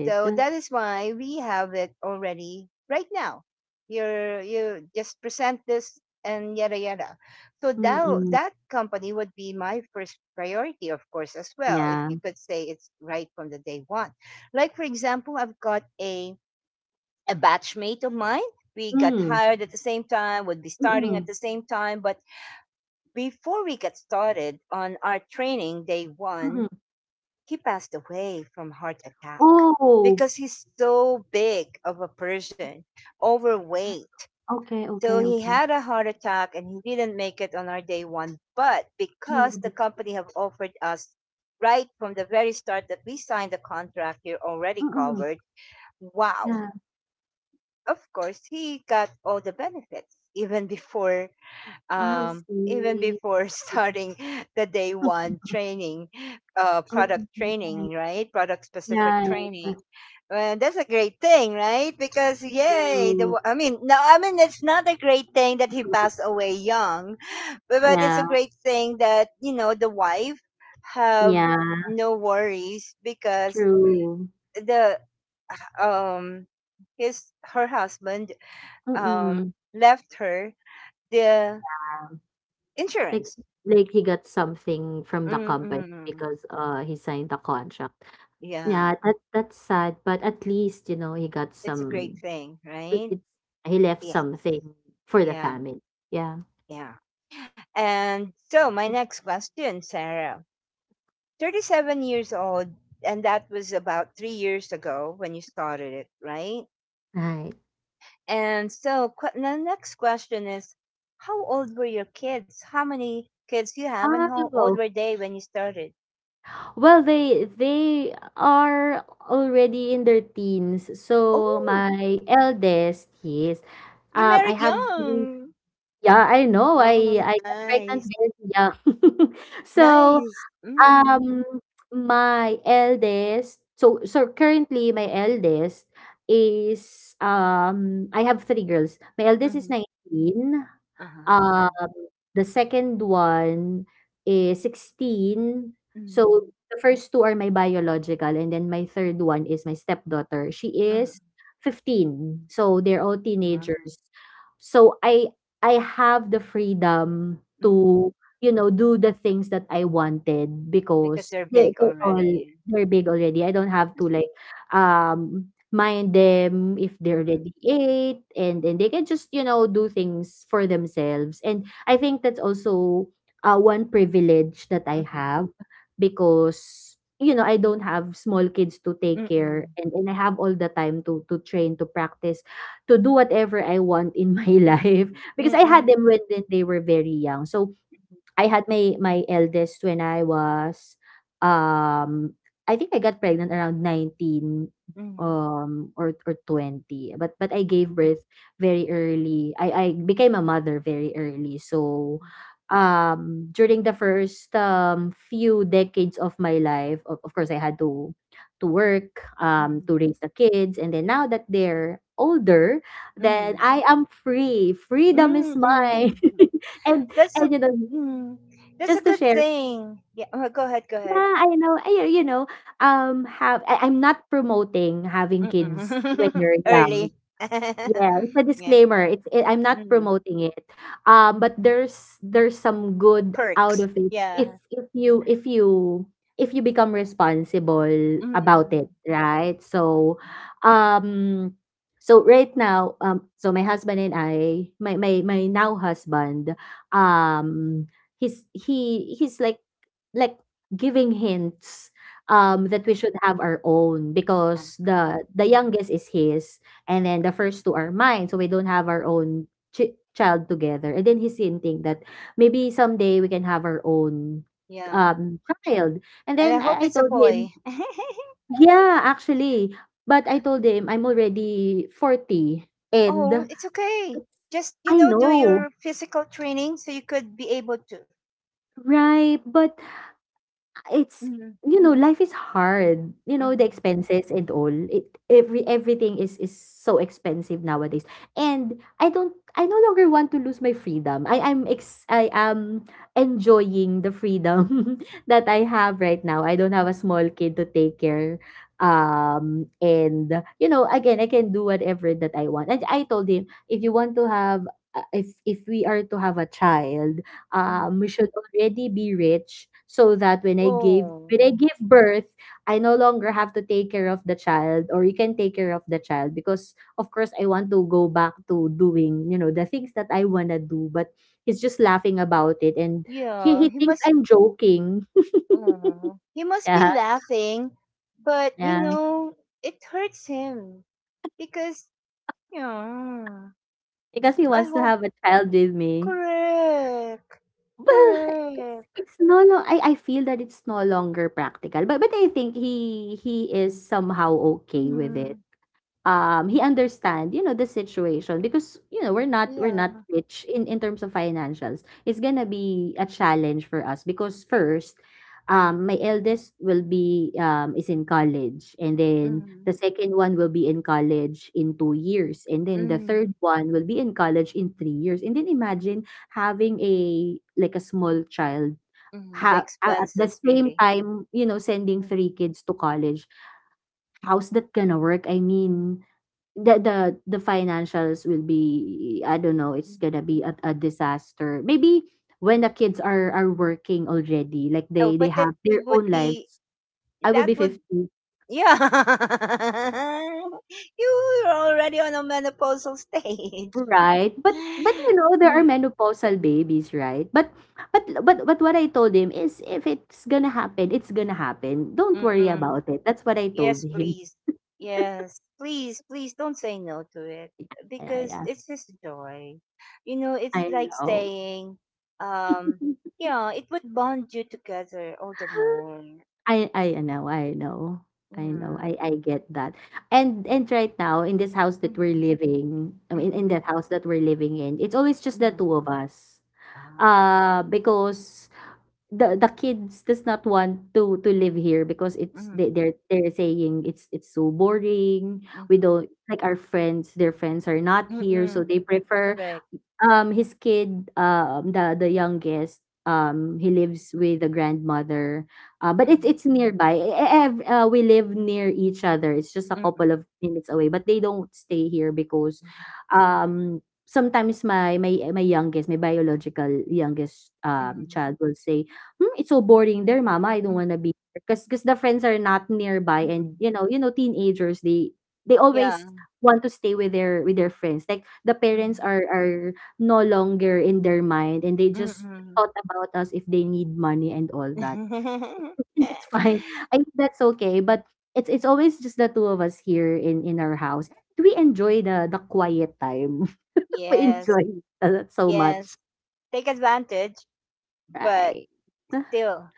A: So that is why we have it already right now. You're you just present this and yada yada. So that
B: Mm-mm.
A: that company would be my first priority, of course, as well. If
B: Yeah.
A: you could say it's right from the day one. Like for example, I've got a batchmate of mine. We got
B: Mm.
A: hired at the same time, would be starting at
B: Mm-mm.
A: the same time. But before we get started on our training day one,
B: Mm-mm.
A: he passed away from heart attack
B: Oh.
A: because he's so big of a person, overweight.
B: Okay,
A: So
B: okay,
A: he
B: okay.
A: had a heart attack and he didn't make it on our day one. But
B: Yeah,
A: because the
B: that's,
A: company have offered us right from the very start that we signed the contract, you're already
B: mm-mm.
A: covered. Wow.
B: Yeah,
A: Of course, he got all the benefits
B: I
A: even
B: see.
A: before *laughs* starting the day
B: Mm,
A: one training,
B: okay,
A: product
B: okay.
A: training, right? Product specific
B: Right,
A: training.
B: that's
A: Well, that's a great thing, right? Because yay,
B: true.
A: I mean, no, I mean it's not a great thing that he
B: *laughs*
A: passed away young, but it's
B: Yeah,
A: a great thing that you know the wife have
B: yeah,
A: no worries because
B: true.
A: the um his her husband um
B: Mm-mm.
A: left her the
B: Like,
A: insurance.
B: he got something from the company
A: Mm-mm.
B: because, uh, he signed the contract. Yeah,
A: Yeah,
B: that that's sad, but at least, you know, he got
A: it's a great
B: some.
A: thing,
B: It,
A: right?
B: it's he left
A: Yeah,
B: something for the
A: yeah,
B: family. Yeah,
A: yeah. And so, my next question, Sarah, 37 years old, and that was about 3 years ago when you started it, right?
B: right.
A: And so, the next question is, how old were your kids? How many kids you have, and how old
B: Oh,
A: were they when you started?
B: well, they are already in their teens. So
A: Oh,
B: my eldest, he is.
A: you
B: I
A: married
B: have three.
A: young.
B: Yeah, I know.
A: Oh,
B: I got pregnant
A: nice,
B: very young. *laughs* So,
A: nice. Mm.
B: um, my eldest, so so currently my eldest is, I have three girls. My eldest is
A: Mm-hmm.
B: 19,
A: Uh-huh.
B: um, the second one is 16. So
A: Mm-hmm.
B: the first two are my biological, and then my third one is my stepdaughter. She is 15. So they're all
A: Mm-hmm.
B: teenagers. So I have the freedom
A: Mhm.
B: to, you know, do the things that I wanted, because
A: Because they're
B: they're,
A: big
B: all
A: already.
B: they're big already. I don't have to,
A: Mhm.
B: like, um, mind them if they're
A: Mhm.
B: already eight, and they can just, you know, do things for themselves. And I think that's also, one privilege that I
A: Mhm.
B: have because, you know, I don't have small kids to take care,
A: Mm-mm.
B: and I have all the time to train, to practice, to do whatever I want in *laughs* my
A: Mm-mm.
B: life, because I had
A: Mm-mm.
B: them when then they were very young. So I had my eldest when I was, um, I think I got pregnant around 19,
A: Mhm.
B: um, or 20 but I
A: Mhm.
B: gave birth very early. I became a mother very early. So, um, during the first, um, few decades of my life, of, course I had to work um, to
A: Mhm.
B: raise the kids, and then now that they're older, then
A: Mm.
B: I am free. Freedom is mine.
A: Mm-mm.
B: *laughs* And
A: That's a
B: you know,
A: mm, that's a
B: just to
A: good
B: share.
A: thing. Yeah, go ahead, go ahead.
B: Yeah, I know. You know, have I'm not promoting having kids when
A: Mm-mm.
B: you're
A: *laughs*
B: young.
A: Early.
B: Yeah, it's
A: *laughs*
B: a
A: Yeah.
B: disclaimer. I'm not
A: Mm.
B: promoting it. But there's some
A: The
B: good out
A: perks.
B: of it, if
A: Yeah.
B: you if you become responsible about
A: Mm-mm.
B: it, right? So, um, so right now, so my husband and I, my now husband,
A: Mm-mm.
B: um, he's like, like giving hints, um,
A: Mhm.
B: that we should have our own, because
A: Uh-huh.
B: the youngest is his, and then the first two are mine. So we don't have our own child together. And then he's hinting that maybe someday we can have our own,
A: Yeah.
B: um, child. And
A: And I
B: then
A: hope
B: I
A: it's a
B: told him,
A: boy. *laughs*
B: yeah, actually, but I told him I'm already 40.
A: Oh,
B: And
A: it's okay. Just, you
B: I
A: know, do
B: know,
A: your physical training so you could be able to.
B: right? But it's,
A: Hmm.
B: you know, life is hard. You know, the
A: Hmm.
B: expenses and all. It, every everything is so expensive nowadays. And I no longer want to lose my freedom. I I'm ex I am enjoying the freedom *laughs* that I have right now. I don't have a small kid to take care. Um, and, you know, again, I can do whatever that I want. And I told him, if you want to have, if we are to have a child,
A: Mm-hmm.
B: we should already be rich so that when I gave when I
A: Oh,
B: give birth, I no longer have to take care of the child, or you can take care of the child, because of course I want to go back to doing, you know, the things that I wanna do. But he's just laughing about it, and
A: yeah.
B: he
A: He
B: thinks
A: must.
B: I'm joking. *laughs*
A: Oh, he must be
B: Yeah.
A: laughing, but you
B: Yeah.
A: know it hurts him because yeah.
B: Because he
A: I
B: wants to
A: hope
B: have a child with me. *laughs*
A: correct,
B: Well, it's,
A: correct.
B: it's no I feel that it's no longer practical. But I think he is somehow okay with it.
A: Mm,
B: He understand, you know, the situation, because you know we're not
A: yeah.
B: rich in terms of financials. It's gonna be a challenge for us because first, my eldest will be is in college, and then the
A: Mm,
B: second one will be in college in 2 years, and then the
A: mm,
B: third one will be in college in 3 years, and then imagine having a like a small child
A: mm, the
B: at the
A: expenses
B: same
A: really.
B: time, you know, sending
A: Mm,
B: three kids to college. How's that gonna work? I mean, the the the financials will be, I don't know, it's
A: mm.
B: gonna be a disaster maybe. When the kids are working already, like
A: Oh,
B: they
A: but that
B: have
A: it
B: their
A: would
B: own
A: be.
B: lives, I will be
A: That would,
B: 50,
A: yeah. *laughs* You're already on a menopausal stage. *laughs*
B: right? But you know, there
A: Mm,
B: are menopausal babies, right? But what I told him is, if it's gonna happen, it's gonna happen, don't worry
A: mm-mm.
B: about it. That's what I told
A: Yes,
B: him.
A: please. Yes, please, please don't say no to it
B: Yeah, yeah,
A: because
B: yeah.
A: it's just joy. You know, it's
B: I
A: like
B: know.
A: saying, um, yeah, it would bond you together all the
B: *laughs*
A: more.
B: I know, I know. I know.
A: Yeah.
B: I get that. And right now in this house that we're
A: Mm-hmm.
B: living, I mean
A: Mm-hmm.
B: in that house that we're living in, it's always just the
A: Mm-hmm.
B: two of us. Because the kids does not want to live here because it's they
A: Mm-hmm.
B: they're they're saying it's so boring. We
A: Mm-hmm.
B: don't like our friends, their friends are not here, so
A: Mm-hmm.
B: they prefer.
A: Correct.
B: His kid, the youngest, he
A: Mm-hmm.
B: lives with the grandmother. But it's
A: Mm-hmm.
B: it's nearby. We live near each other. It's just a
A: Mm,
B: couple
A: mhm,
B: of minutes away. But they don't stay here because, sometimes my youngest, my biological youngest,
A: mhm,
B: child will say, "Hmm, it's so boring there, Mama. I don't
A: mhm,
B: wanna be here." Because the friends are not nearby, and
A: mhm.
B: you know teenagers, they always
A: Yeah.
B: want to stay with their friends. Like the parents
A: Mhm,
B: are no longer in their mind, and they just
A: mhm.
B: thought about us if they need money and all that. *laughs*
A: *laughs*
B: That's fine. I think that's okay. But it's always just the two of us here in our house. We enjoy the quiet time. *laughs* We
A: Yes,
B: enjoy that so much.
A: yes. Take advantage, but
B: Right. *sighs*
A: still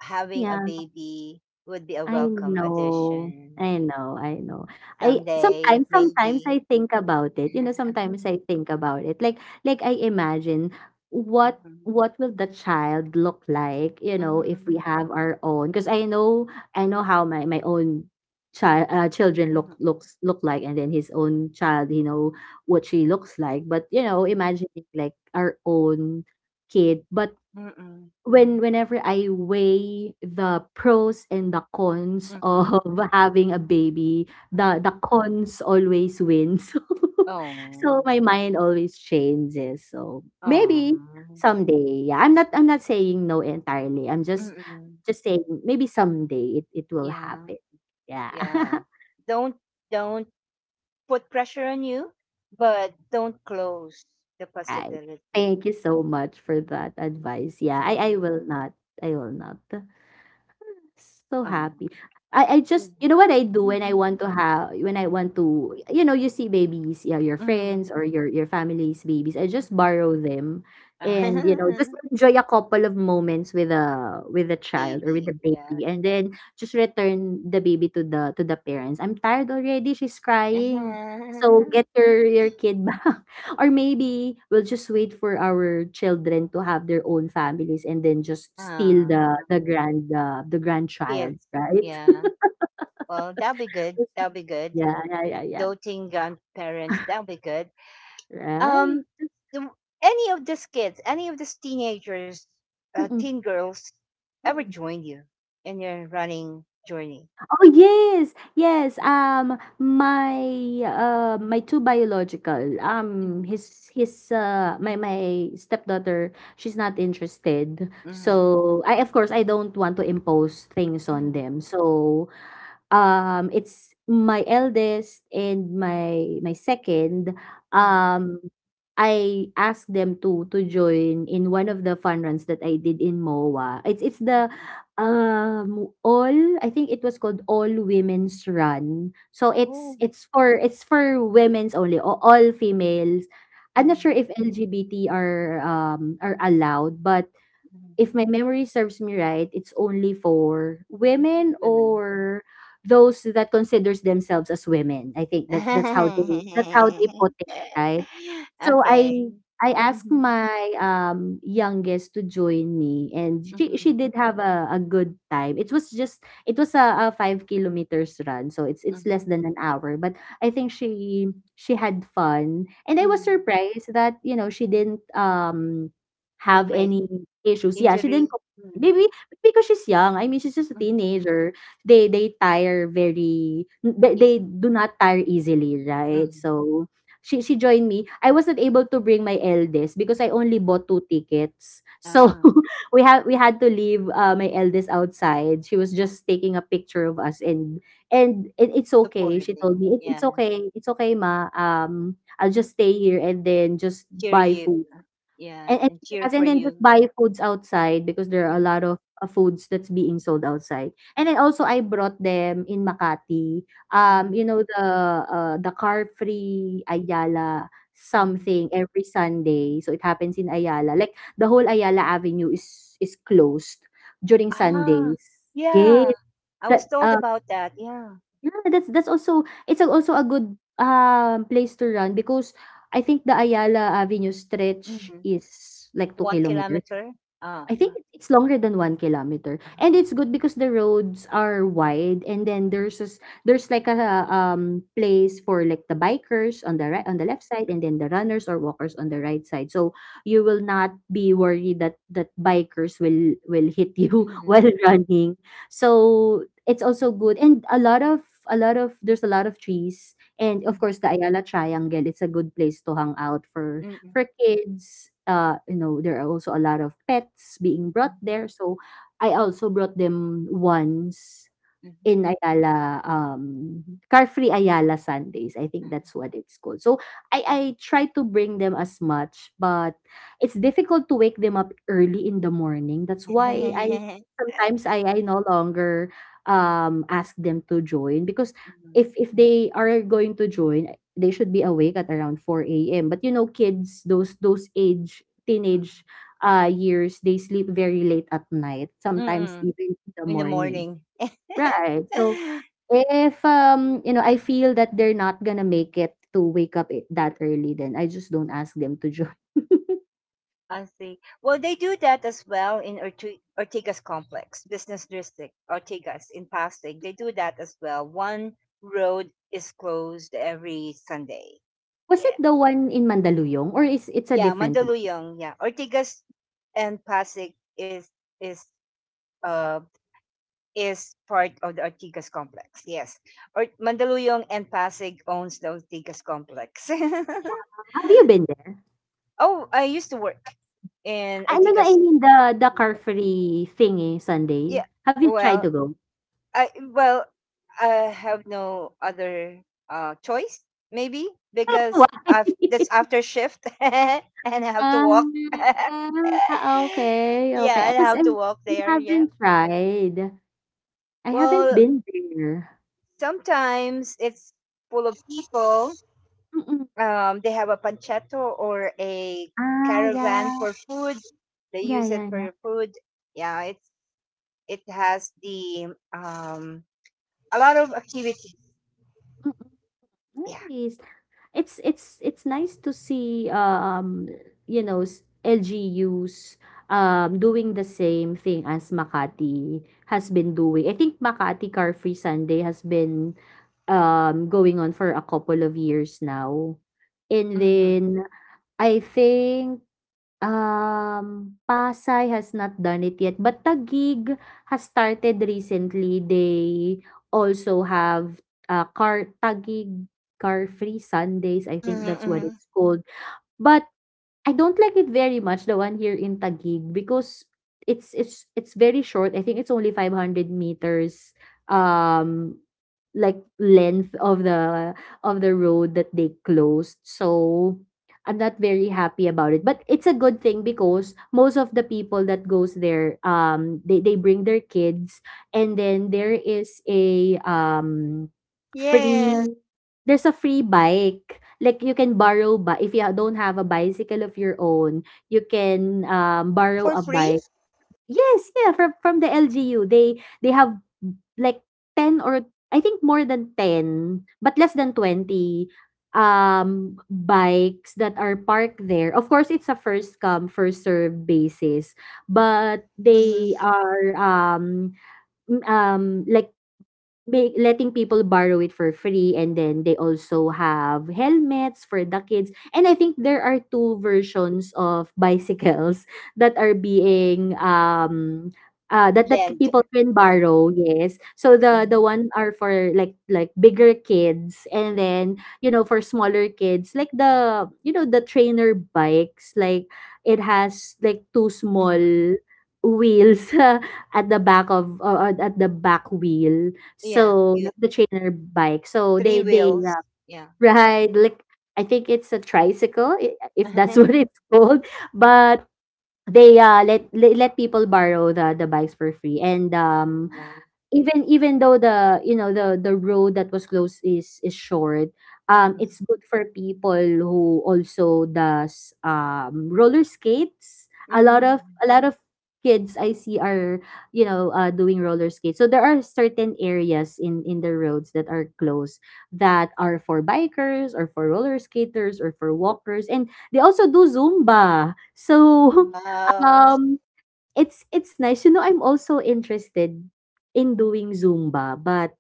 A: having a
B: Yeah.
A: baby would be a
B: I
A: welcome
B: know.
A: addition
B: I know, I know. I
A: someday,
B: sometimes sometimes
A: maybe.
B: I think about it.
A: *laughs*
B: You know, sometimes I think about it. Like I imagine what
A: Mhm,
B: what will the child look like, you know, if we
A: mhm,
B: have our own, because I know how my own child, children
A: mhm,
B: look like, and then his own child, you know, what she looks like. But you know,
A: mhm,
B: imagining like our own kid. But
A: mhm,
B: whenever I weigh the pros and the cons of
A: mhm,
B: *laughs* having a baby, the
A: mhm.
B: the cons always wins. *laughs* So
A: Oh,
B: my mind always changes. So maybe
A: oh,
B: someday. Yeah, I'm not saying no entirely. I'm just
A: mm-mm.
B: just saying maybe someday it will
A: Yeah,
B: happen. Yeah.
A: yeah.
B: *laughs*
A: Don't, don't put pressure on you, but don't close the
B: Right.
A: possibility.
B: Thank you so much for that advice. Yeah, I
A: And
B: will not. I will not. So
A: um,
B: happy. I just,
A: yeah.
B: you know what I do when I
A: Mhm,
B: want to have, when I want
A: mhm,
B: to, you know, you see babies, yeah, your
A: mhm,
B: friends or your family's babies, I just
A: mhm.
B: borrow them and you know, just
A: *laughs*
B: enjoy a couple of moments with a child or with
A: Baby,
B: a
A: yeah.
B: baby, and then just return the baby to the parents. I'm tired already, she's crying, so get
A: *laughs*
B: your kid *laughs* back. Or maybe we'll just wait for our children to have their own families and then just steal
A: Ah,
B: the grand the grandchild,
A: kids,
B: right?
A: yeah. Well, that'll be good.
B: *laughs*
A: That'll be good.
B: Yeah, yeah, yeah, yeah.
A: Doting grandparents, that'll
B: *laughs*
A: be good.
B: Right.
A: Um, do any of these kids, any of these teenagers,
B: Mm-mm.
A: teen girls, ever
B: Mm-mm.
A: join you in your running journey?
B: Oh yes, yes.
A: Mhm,
B: My my two biological. His My stepdaughter. She's not interested.
A: mhm,
B: So I, of course, I don't want to impose things on
A: mhm,
B: them. So it's my eldest and my second,
A: mhm,
B: um, I asked them to join in one of the fun runs that I did in MOA. It's the,
A: mhm.
B: all I think it was called All Women's Run. So it's
A: Oh.
B: it's for it's for women's only, o all females. I'm not sure
A: Mhm,
B: if LGBT are allowed, but
A: mhm.
B: if my memory serves me right, it's only for women
A: Women.
B: or those that considers themselves as women. I think that's how they put it,
A: *laughs*
B: right? So I
A: Okay.
B: I asked
A: Mhm,
B: my, youngest to join me, and she
A: mhm,
B: did have a good time. It was just it was a 5 kilometers run, so it's less
A: mhm,
B: than an hour. But I think she had fun. And I was
A: mhm.
B: surprised that, you know, she didn't, have
A: Complain,
B: any issues. Yeah, she didn't
A: injury,
B: complain.
A: mhm,
B: Maybe because she's young. I mean, she's just a
A: mhm,
B: teenager. They
A: easy.
B: do not tire easily, right?
A: Mhm.
B: So she joined me. I wasn't able to bring my eldest because I only bought two tickets. So
A: Ah,
B: *laughs* we had to leave my eldest outside. She was just taking a picture of us, and it's okay. She told
A: supporting.
B: me it's
A: Yeah.
B: okay. It's okay, ma. I'll just stay here and then just
A: Cheer
B: buy
A: you.
B: food.
A: uh, Yeah,
B: And and
A: and cheer for
B: and then just
A: you.
B: buy foods outside because there are a
A: Uh-huh.
B: lot of, foods that's being sold outside. And then also I brought them in Makati, you
A: Hmm.
B: know, the car free Ayala
A: Hmm.
B: something every Sunday. So it happens in Ayala. Like the whole Ayala Avenue is closed during
A: Ah,
B: Sundays.
A: yeah.
B: Yes,
A: I was
B: that,
A: told
B: uh
A: about that. Yeah.
B: yeah, that's also, a good, place to run, because I think the Ayala Avenue stretch
A: Mhm.
B: is like two
A: 1
B: kilometers.
A: kilometer? Ah,
B: I
A: ah,
B: think it's longer than 1 kilometer, and
A: ah.
B: it's good because the roads are wide, and then
A: Mhm,
B: there's like a place for like the bikers on the
A: mhm,
B: left side, and then the runners or walkers on the right side. So you will not be worried that bikers will hit you *laughs* while running. So it's also good, and a lot of trees, and of
A: mhm,
B: course the Ayala Triangle. It's a good place to hang out for
A: mhm,
B: kids, you know, there are also a lot of pets being
A: mhm,
B: brought there. So I also brought them once
A: mhm,
B: in Ayala, car free Ayala Sundays. I think
A: mhm.
B: that's what it's called. So I try to bring them as much, but it's difficult to wake them up early in the morning. That's why I
A: *laughs*
B: sometimes I no longer ask them to join, because if they are going to join, they should be awake at around four a.m. But you know, kids, those age teenage years, they sleep very late at night. Sometimes
A: Mm,
B: even in the
A: in the
B: morning.
A: morning.
B: Right. So.
A: *laughs*
B: If, you
A: Mm,
B: know, I feel that they're not gonna make it to wake up it that early, then I just don't ask them to join. *laughs*
A: I see. Well, they do that as well in Ortigas Complex, Business District, Ortigas in Pasig. They do that as well. One road is closed every Sunday.
B: Was
A: Yeah.
B: it the one in Mandaluyong or is it's a
A: Yeah,
B: different one?
A: Mandaluyong, yeah. Ortigas and Pasig is uh is part of the Ortigas complex. Yes. Or Mandaluyong and Pasig owns the Ortigas complex.
B: Have you been there?
A: *laughs* Oh, I used to work in
B: I No, no, I
A: Ortigas
B: mean the Car
A: complex.
B: Free thingy Sunday.
A: Yeah.
B: Have you tried
A: Well,
B: to go?
A: I well, I have no other choice maybe
B: *laughs*
A: because
B: Why?
A: I've that's after shift *laughs* and I have to
B: Ah,
A: walk. *laughs*
B: ah, okay.
A: Yeah,
B: Okey.
A: I
B: Ah, 'cause
A: have
B: I
A: to walk there. Yeah.
B: haven't tried. I haven't
A: Well,
B: been there.
A: sometimes it's full of people.
B: Mm.
A: They have a panchetto or a
B: Ah,
A: caravan
B: yeah.
A: for food. They
B: Yeah,
A: use it
B: yeah, yeah.
A: for food. Yeah, it's it has the a lot of activities.
B: Mm,
A: Yeah.
B: nice. It's nice to see, you know, s LGUs, doing the same thing as Makati has been doing. I think Makati Car Free Sunday has been, going on for a couple of years now. And
A: Mm-hmm.
B: then I think Pasay has not done it yet, but Taguig has started recently. They also have, car Taguig Car Free Sundays, I think that's what
A: Mm-hmm.
B: it's called. But I don't like it very much, the one here in Taguig, because it's very short. I think it's only 500 meters um like length of the road that they closed. So I'm not very happy about it. But it's a good thing because most of the people that goes there, they bring their kids, and then there is a
A: Yes,
B: free there's a free bike, like you can borrow. But if you ha don't have a bicycle of your own, you can, borrow
A: for
B: a
A: free?
B: bike. Yes, yeah, from the LGU. They have like 10, or I think more than 10, but less than 20 bikes that are parked there. Of course, it's a first come, first serve basis, but
A: Mm-hmm.
B: they are like make letting people borrow it for free, and then they also have helmets for the kids. And I think there are two versions of bicycles *laughs* that are being that
A: Lend.
B: people can
A: Yeah.
B: borrow. Yes, so the
A: Mm-hmm.
B: one are for like bigger kids, and then you know, for smaller kids, like the, you know, the trainer bikes, like it has like two
A: Mm-hmm.
B: small wheels *laughs* at the back of, or at the back wheel.
A: Yeah,
B: So,
A: cute.
B: not the trainer bike. So
A: Three
B: they
A: wheels. Yeah.
B: ride like, I think it's a tricycle, if that's *laughs* what
A: *laughs*
B: it's called. But they let people borrow the bikes for free and
A: Wow.
B: even though the you know the road that was closed is short.
A: Mm-hmm.
B: It's good for people who also does roller skates. a lot of
A: Mm-hmm.
B: a lot of kids I see are doing roller skates, so there are certain areas in the roads that are closed, that are for bikers or for roller skaters or for walkers. And they also do Zumba so *laughs*
A: Wow.
B: um it's nice, you know. I'm also interested in doing Zumba, but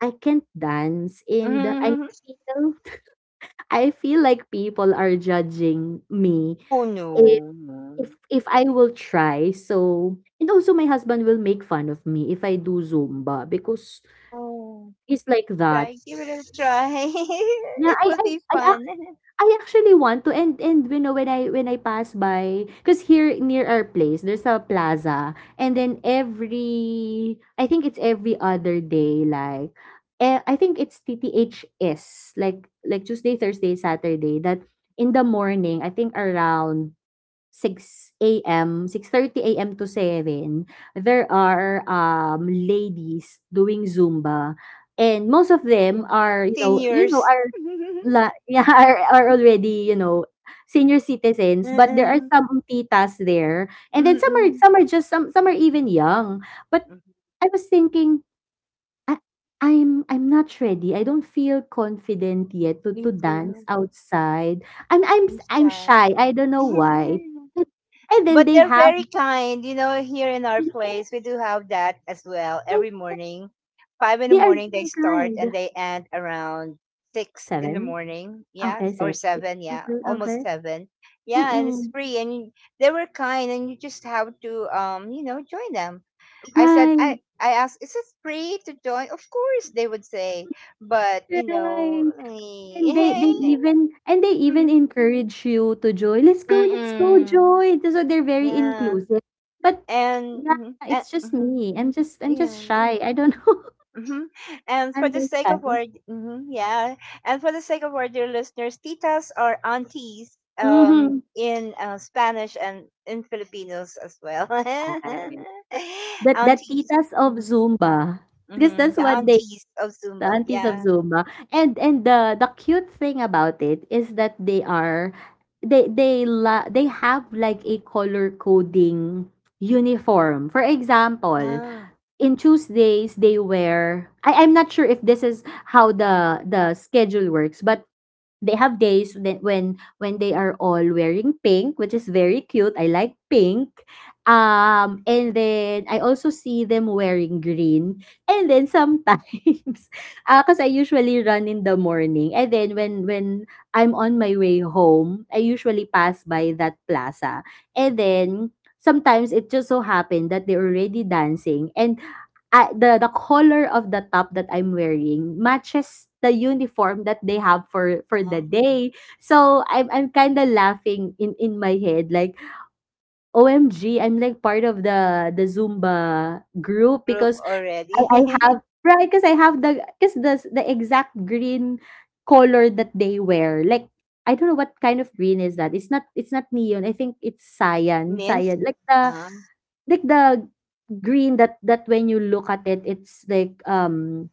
B: I can't dance and
A: Mm-hmm.
B: feel I feel like people are judging me
A: Oh
B: if
A: no,
B: if
A: no.
B: if I will try. So, and also my husband will make fun of me if I do Zumba, because
A: No.
B: he's like that.
A: Try, give it a try. *laughs*
B: Yeah,
A: It
B: I
A: would
B: I
A: be
B: I
A: fun. *laughs*
B: I actually want to, and you know, when I pass by, because here near our place there's a plaza. And then every, I think it's every other day, like I think it's TTHS, like Tuesday Thursday Saturday, that in the morning I think around 6 a.m., 6:30 a.m. to 7, there are ladies doing Zumba. And most of them
A: Yeah.
B: are you know
A: Seniors. *laughs*
B: la *laughs* yeah, are already, you know, senior citizens,
A: Mm-mm.
B: but there are
A: Mm-mm.
B: some titas there, and then
A: Mm-hmm.
B: some are just some are even young. But
A: Mm-hmm.
B: I was thinking, I, I'm not ready. I don't feel confident yet to
A: Me
B: dance
A: too.
B: outside, and
A: I'm
B: I'm
A: shy.
B: shy. I don't know why.
A: *laughs*
B: And, then
A: But
B: they
A: they're
B: have,
A: very kind. You know, here in
B: *laughs*
A: our
B: they
A: place, we do have that as well
B: they
A: every morning. Five in the
B: are
A: morning, they
B: very
A: start and
B: kind.
A: they end around six in the
B: Seven.
A: morning. Yeah,
B: Okay,
A: or
B: seven. Six.
A: seven. Yeah,
B: Okay,
A: almost
B: okay.
A: seven. Yeah, and it's
B: Mm-mm.
A: free. They were kind, and you just have to, you know, join them.
B: Right,
A: I asked, is it free to join? Of course, they would say. But, you know,
B: right.
A: *laughs*
B: And they even
A: mm,
B: encourage you to join. Let's go,
A: mm-mm.
B: join. So they're very
A: Yeah.
B: inclusive. But
A: And,
B: yeah,
A: mhm, and
B: it's just
A: mhm.
B: me. I'm just,
A: Yeah.
B: shy. I don't know.
A: Hmm.
B: *laughs*
A: And for
B: I'm
A: the
B: just
A: sake
B: shy.
A: of our mhm, yeah, and for the sake of our dear listeners, titas are aunties
B: Mm-hmm.
A: in Spanish and in Filipinos as well. *laughs*
B: That the
A: Aunties.
B: titas of
A: Mm-hmm.
B: Zumba. Because
A: Mm-hmm,
B: that's
A: the
B: what they,
A: aunties of
B: the
A: Zumba.
B: aunties of
A: Yeah.
B: Zumba. And the cute thing about it is that they are, they have like a color coding uniform. For example,
A: Ah,
B: in Tuesdays they wear, I I'm not sure if this is how the schedule works, but they have days that when they are all wearing pink, which is very cute. I like pink. And then I also see them wearing green, and then sometimes, *laughs* because I usually run in the morning, and then when I'm on my way home, I usually pass by that plaza. And then sometimes it just so happened that they're already dancing, and the color of the top that I'm wearing matches the uniform that they have for the
A: ah.
B: day. So I'm kind of laughing in my head, like, O M, am like part of the Zumba group.
A: Group
B: Because
A: already.
B: I have
A: *laughs*
B: right, because I have the, because the exact green color that they wear, like, I don't know what kind of green is that. It's not, it's not neon. I think it's cyan.
A: Mint.
B: Cyan. Like the,
A: Uh,
B: like the green that when you look at it, it's like,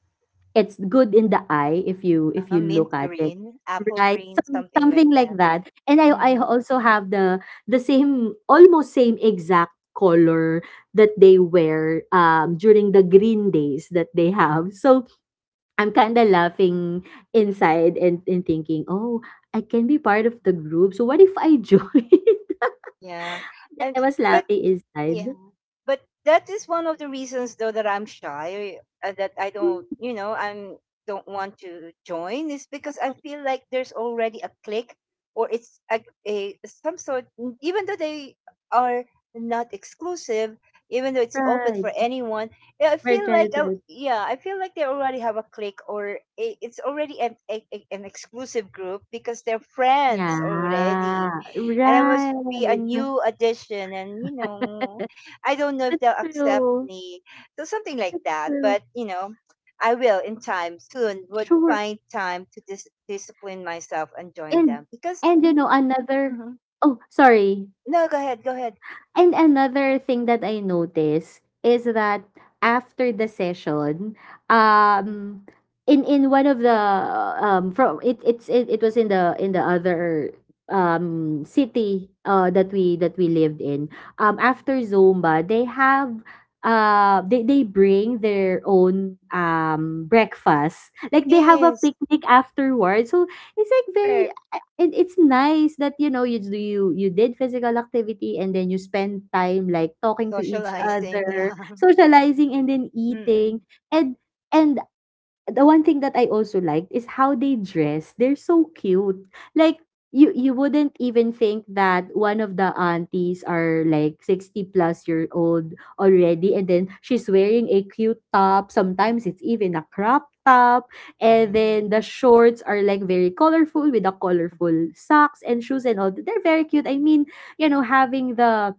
B: it's good in the eye if you
A: mint
B: look at it.
A: green, apple
B: Right,
A: green,
B: some,
A: something like
B: something
A: that.
B: like that. And I
A: Hmm.
B: also have the same, almost same exact color that they wear during the green days that they have. So I'm kind of laughing inside, and, thinking, "Oh, I can be part of the group. So what if I join?" *laughs*
A: Yeah.
B: Then
A: And
B: I was
A: but
B: laughing
A: yeah.
B: inside.
A: but that is one of the reasons though that I'm shy that I don't
B: Hmm,
A: you know I'm don't want to join is because I feel like there's already a clique or it's a some sort even though they are not exclusive even though it's open for
B: right.
A: anyone. Yeah, I
B: For
A: feel like I,
B: childhood.
A: yeah I feel like they already have a clique or it's already an exclusive group because they're friends
B: Yeah,
A: already and I
B: right.
A: must be a new addition and you know
B: *laughs*
A: I don't know if
B: That's
A: they'll accept
B: true.
A: me. So something like
B: That's
A: that.
B: true.
A: But you know, I will in time soon would
B: Sure.
A: find time to discipline myself and join
B: And
A: them because
B: and you
A: mhm,
B: know another
A: mhm.
B: oh sorry,
A: No, go ahead, go ahead.
B: Another thing that I noticed is that after the session, um, in one of the, from it it's it, it was in the, other city that we, lived in. After Zumba, they have, they bring their own breakfast, like they have a
A: Yes,
B: picnic afterwards. So it's like very,
A: correct.
B: I, and it's nice that, you know, you do, you did physical activity and then you spend time, like, talking to each
A: Socializing,
B: other,
A: yeah. *laughs*
B: socializing, and then eating.
A: Mm-mm.
B: And and the one thing that I also liked is how they dress. They're so cute. Like, you wouldn't even think that one of the aunties are like 60 plus year old already, and then she's wearing a cute top. Sometimes it's even a crop top, and then the
A: *laughs*
B: shorts are like very colorful, with the colorful socks and shoes and all. They're very cute. I mean, you know, having the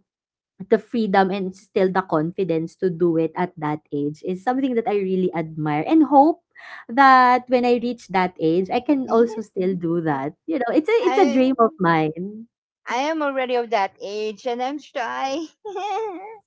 B: freedom and still the confidence to do it at that age is something that I really admire, and hope that when I reach that age I can also still do that. You know, it's a
A: I
B: dream of mine.
A: I am already of that age and I'm shy. *laughs*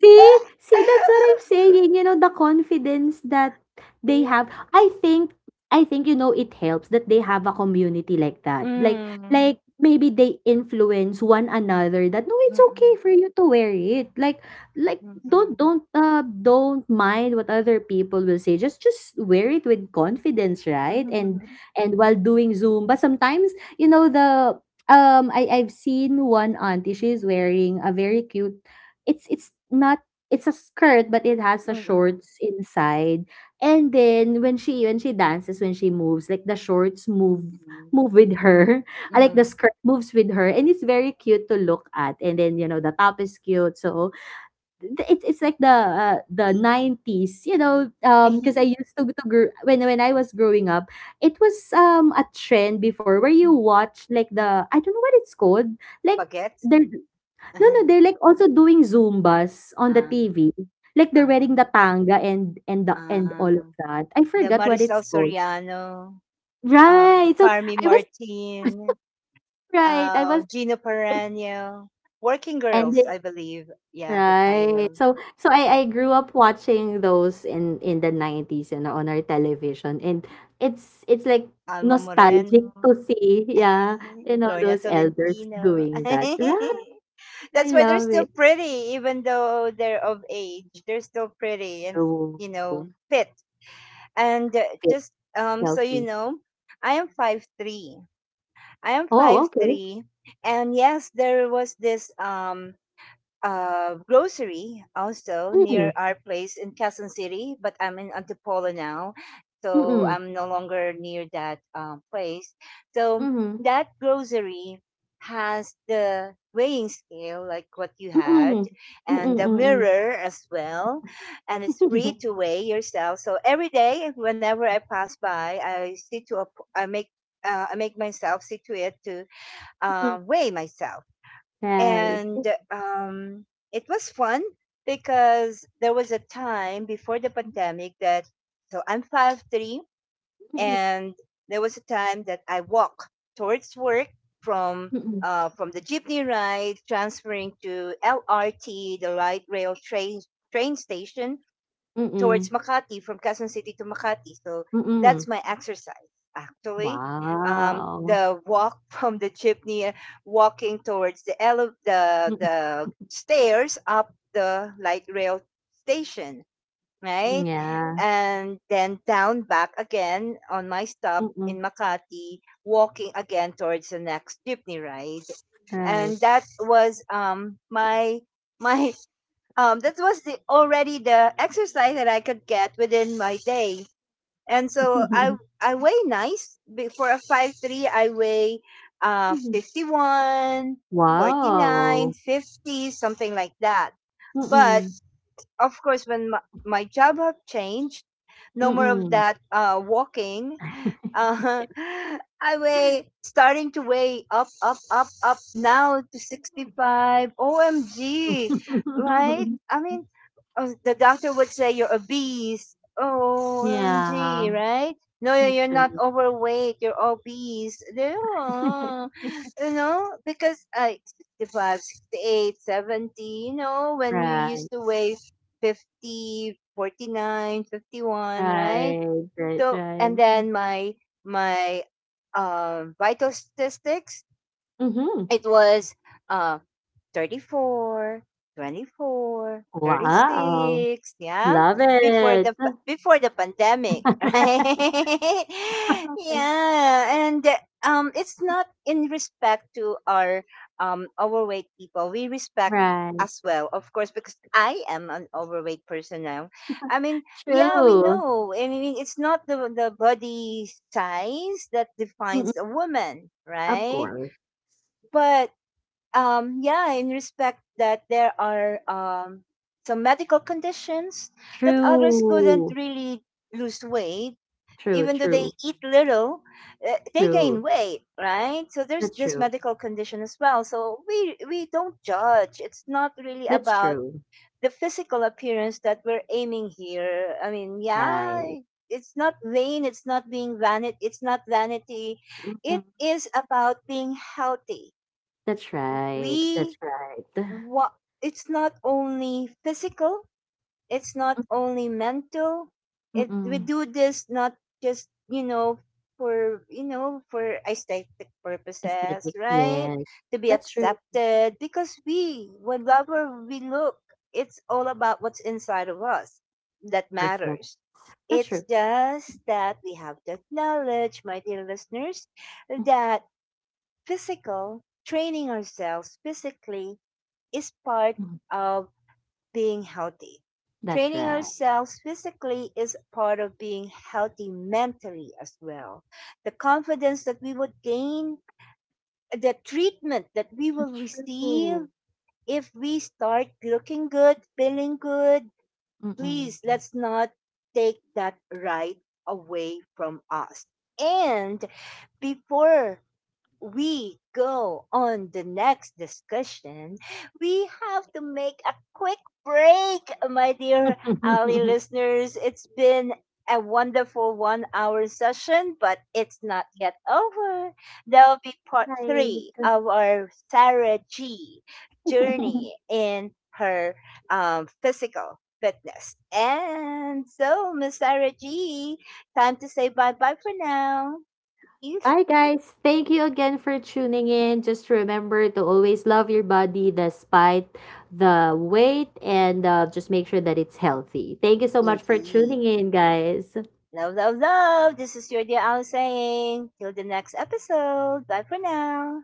B: See? See, that's what I'm saying. You know, the confidence that they
A: Yeah.
B: have. I think, you know, it helps that they have a community like that. Like,
A: Mm.
B: maybe they influence one another, that no, it's okay
A: Mm-mm.
B: for you to wear it. Like,
A: Mm-mm.
B: don't mind what other people will say. Just, wear it with confidence, right? And
A: *laughs*
B: while doing Zumba, sometimes, you know, the, I I've seen one auntie, she's wearing a very cute, it's not, it's a skirt, but it has a
A: Mm-mm.
B: shorts inside. And then when she dances, when she moves, like the shorts move,
A: Mm-mm.
B: with her. *laughs* I like, the
A: Mhm.
B: skirt moves with her, and it's very cute to look at. And then, you know, the top is cute. So it's like the 90s, you know, because I
A: *laughs*
B: used to when I was growing up, it was a trend before, where you
A: Mhm.
B: watch like the, I don't know what it's called. Like,
A: Bagets?
B: there, no,
A: Uh-huh.
B: they're like also doing Zumbas on the
A: Um,
B: TV. Like they're wearing the
A: um,
B: tanga and the and all of
A: um,
B: that. I
A: the
B: forgot what
A: Marisol
B: it's called.
A: Soriano,
B: Right. So
A: Carmi
B: I was
A: Martin,
B: right. I was
A: Gino
B: It
A: Paranio, Working Girls,
B: ended,
A: I believe. Yeah, the
B: right.
A: title.
B: So
A: Yeah.
B: I grew up watching those in the nineties and on our television, and it's like
A: Alma
B: nostalgic to
A: Moreno,
B: see, yeah,
A: *laughs*
B: you know,
A: Lorna
B: those elders
A: Tolentino.
B: doing that. Right.
A: *laughs*
B: I
A: That's why they're
B: love it.
A: still pretty, even though they're of age. They're still pretty and,
B: Oh,
A: you know, fit. And
B: fit,
A: just so you
B: healthy.
A: know, I am 5'3". I am
B: Oh,
A: five
B: okay.
A: three, and yes, there was this grocery also
B: Mm,
A: near our place in Quezon City, but I'm in Antipolo now, so
B: mm-mm.
A: I'm no longer near that place. So
B: Mhm,
A: that grocery has the weighing scale like what you had
B: mm. Mm,
A: and the
B: mm.
A: mirror as well and it's
B: Mm,
A: free
B: *laughs*
A: to weigh yourself so every day whenever I pass by I make myself see to it to weigh myself and
B: right.
A: um, it was fun because there was a time before the pandemic that so I'm 5'3",
B: Mm,
A: and there was a time that I walk towards work from
B: mm,
A: from the jeepney ride, transferring to LRT, the light rail train station,
B: mm,
A: towards
B: mm.
A: Makati from Quezon City to Makati. So that's
B: Mm.
A: my exercise actually.
B: Wow.
A: The walk *laughs* from the chimney, walking towards the
B: Mm,
A: the stairs up the light rail station,
B: mm,
A: right,
B: yeah.
A: and then down back again on my stop in
B: Mm,
A: Makati, walking again towards the next jeepney ride,
B: right.
A: and that was my *laughs* my that was the already the exercise that I could get within my day. And so
B: *laughs*
A: I weigh nice. For a 5'3" I weigh 51, 49,
B: Wow.
A: 50, something like that. But
B: Mm,
A: of course, when my job have changed, no more of
B: mm.
A: that walking. Huh. *laughs* I weigh starting to weigh up, up, up, up now to 65. OMG, right?
B: *laughs*
A: I mean, the doctor would say you're obese. OMG,
B: Yeah,
A: right? Are not
B: actually.
A: overweight. You're obese. They- oh, you know, because 65, 68, 70. You know, when you used
B: Right,
A: to weigh 50, 49, 51, right?
B: right, right,
A: So
B: right.
A: and then my vital statistics
B: Mhm.
A: it was uh 34, 24, thirty
B: Wow.
A: six. Yeah?
B: Love
A: Before
B: it.
A: before the pandemic, *laughs*
B: *laughs*
A: right? Yeah, and it's not in respect to our overweight people. We respect
B: Right.
A: as well, of course, because I am an overweight person now. I mean, yeah, we
B: True.
A: know. And I mean, it's not the the body size that
B: Mm,
A: defines a woman,
B: of
A: right?
B: course.
A: But yeah in respect that there are some medical conditions that others couldn't
B: True.
A: really lose weight
B: True,
A: even though they
B: true,
A: eat little they
B: true.
A: gain weight right so there's
B: That's
A: this
B: true.
A: medical condition as well so we don't judge it's not really
B: That's
A: about
B: true.
A: the physical appearance that we're aiming here I mean yeah
B: Right.
A: it's not vain it's not being vanity it's not vanity
B: Mhm.
A: it is about being healthy
B: That's right.
A: we
B: That's right.
A: what it's not only physical it's not
B: *sighs*
A: only mental
B: Mm,
A: it we
B: mm-mm.
A: do this not just you know for aesthetic purposes
B: Aesthetic.
A: right
B: Yes.
A: to be
B: That's true.
A: accepted because we whatever we look it's all about what's inside of us that
B: Perfect.
A: matters
B: That's
A: it's
B: true.
A: just that we have to acknowledge my dear listeners that physical training ourselves physically is part
B: Mm-mm.
A: of being healthy.
B: That's
A: Training
B: right.
A: ourselves physically is part of being healthy mentally as well. The confidence that we would gain, the treatment that we
B: That's
A: will receive
B: true.
A: if we start looking good, feeling good, please
B: Mm-mm.
A: let's not take that right away from us. And before we go on the next discussion, we have to make a quick break, my dear Ali
B: *laughs*
A: listeners. It's been a wonderful 1 hour session, but it's not yet over. There'll be part
B: Right.
A: 3 of our Sarah G journey
B: *laughs*
A: in her physical fitness. And so, Miss Sarah G, time to say bye bye for now. Peace
B: Bye, guys. Thank you again for tuning in. Just remember to always love your body despite the weight, and just make sure that it's healthy. Thank you so much for
A: indeed.
B: tuning in, guys.
A: Love, love, love. This is your dear Al saying. Till the next episode. Bye for now.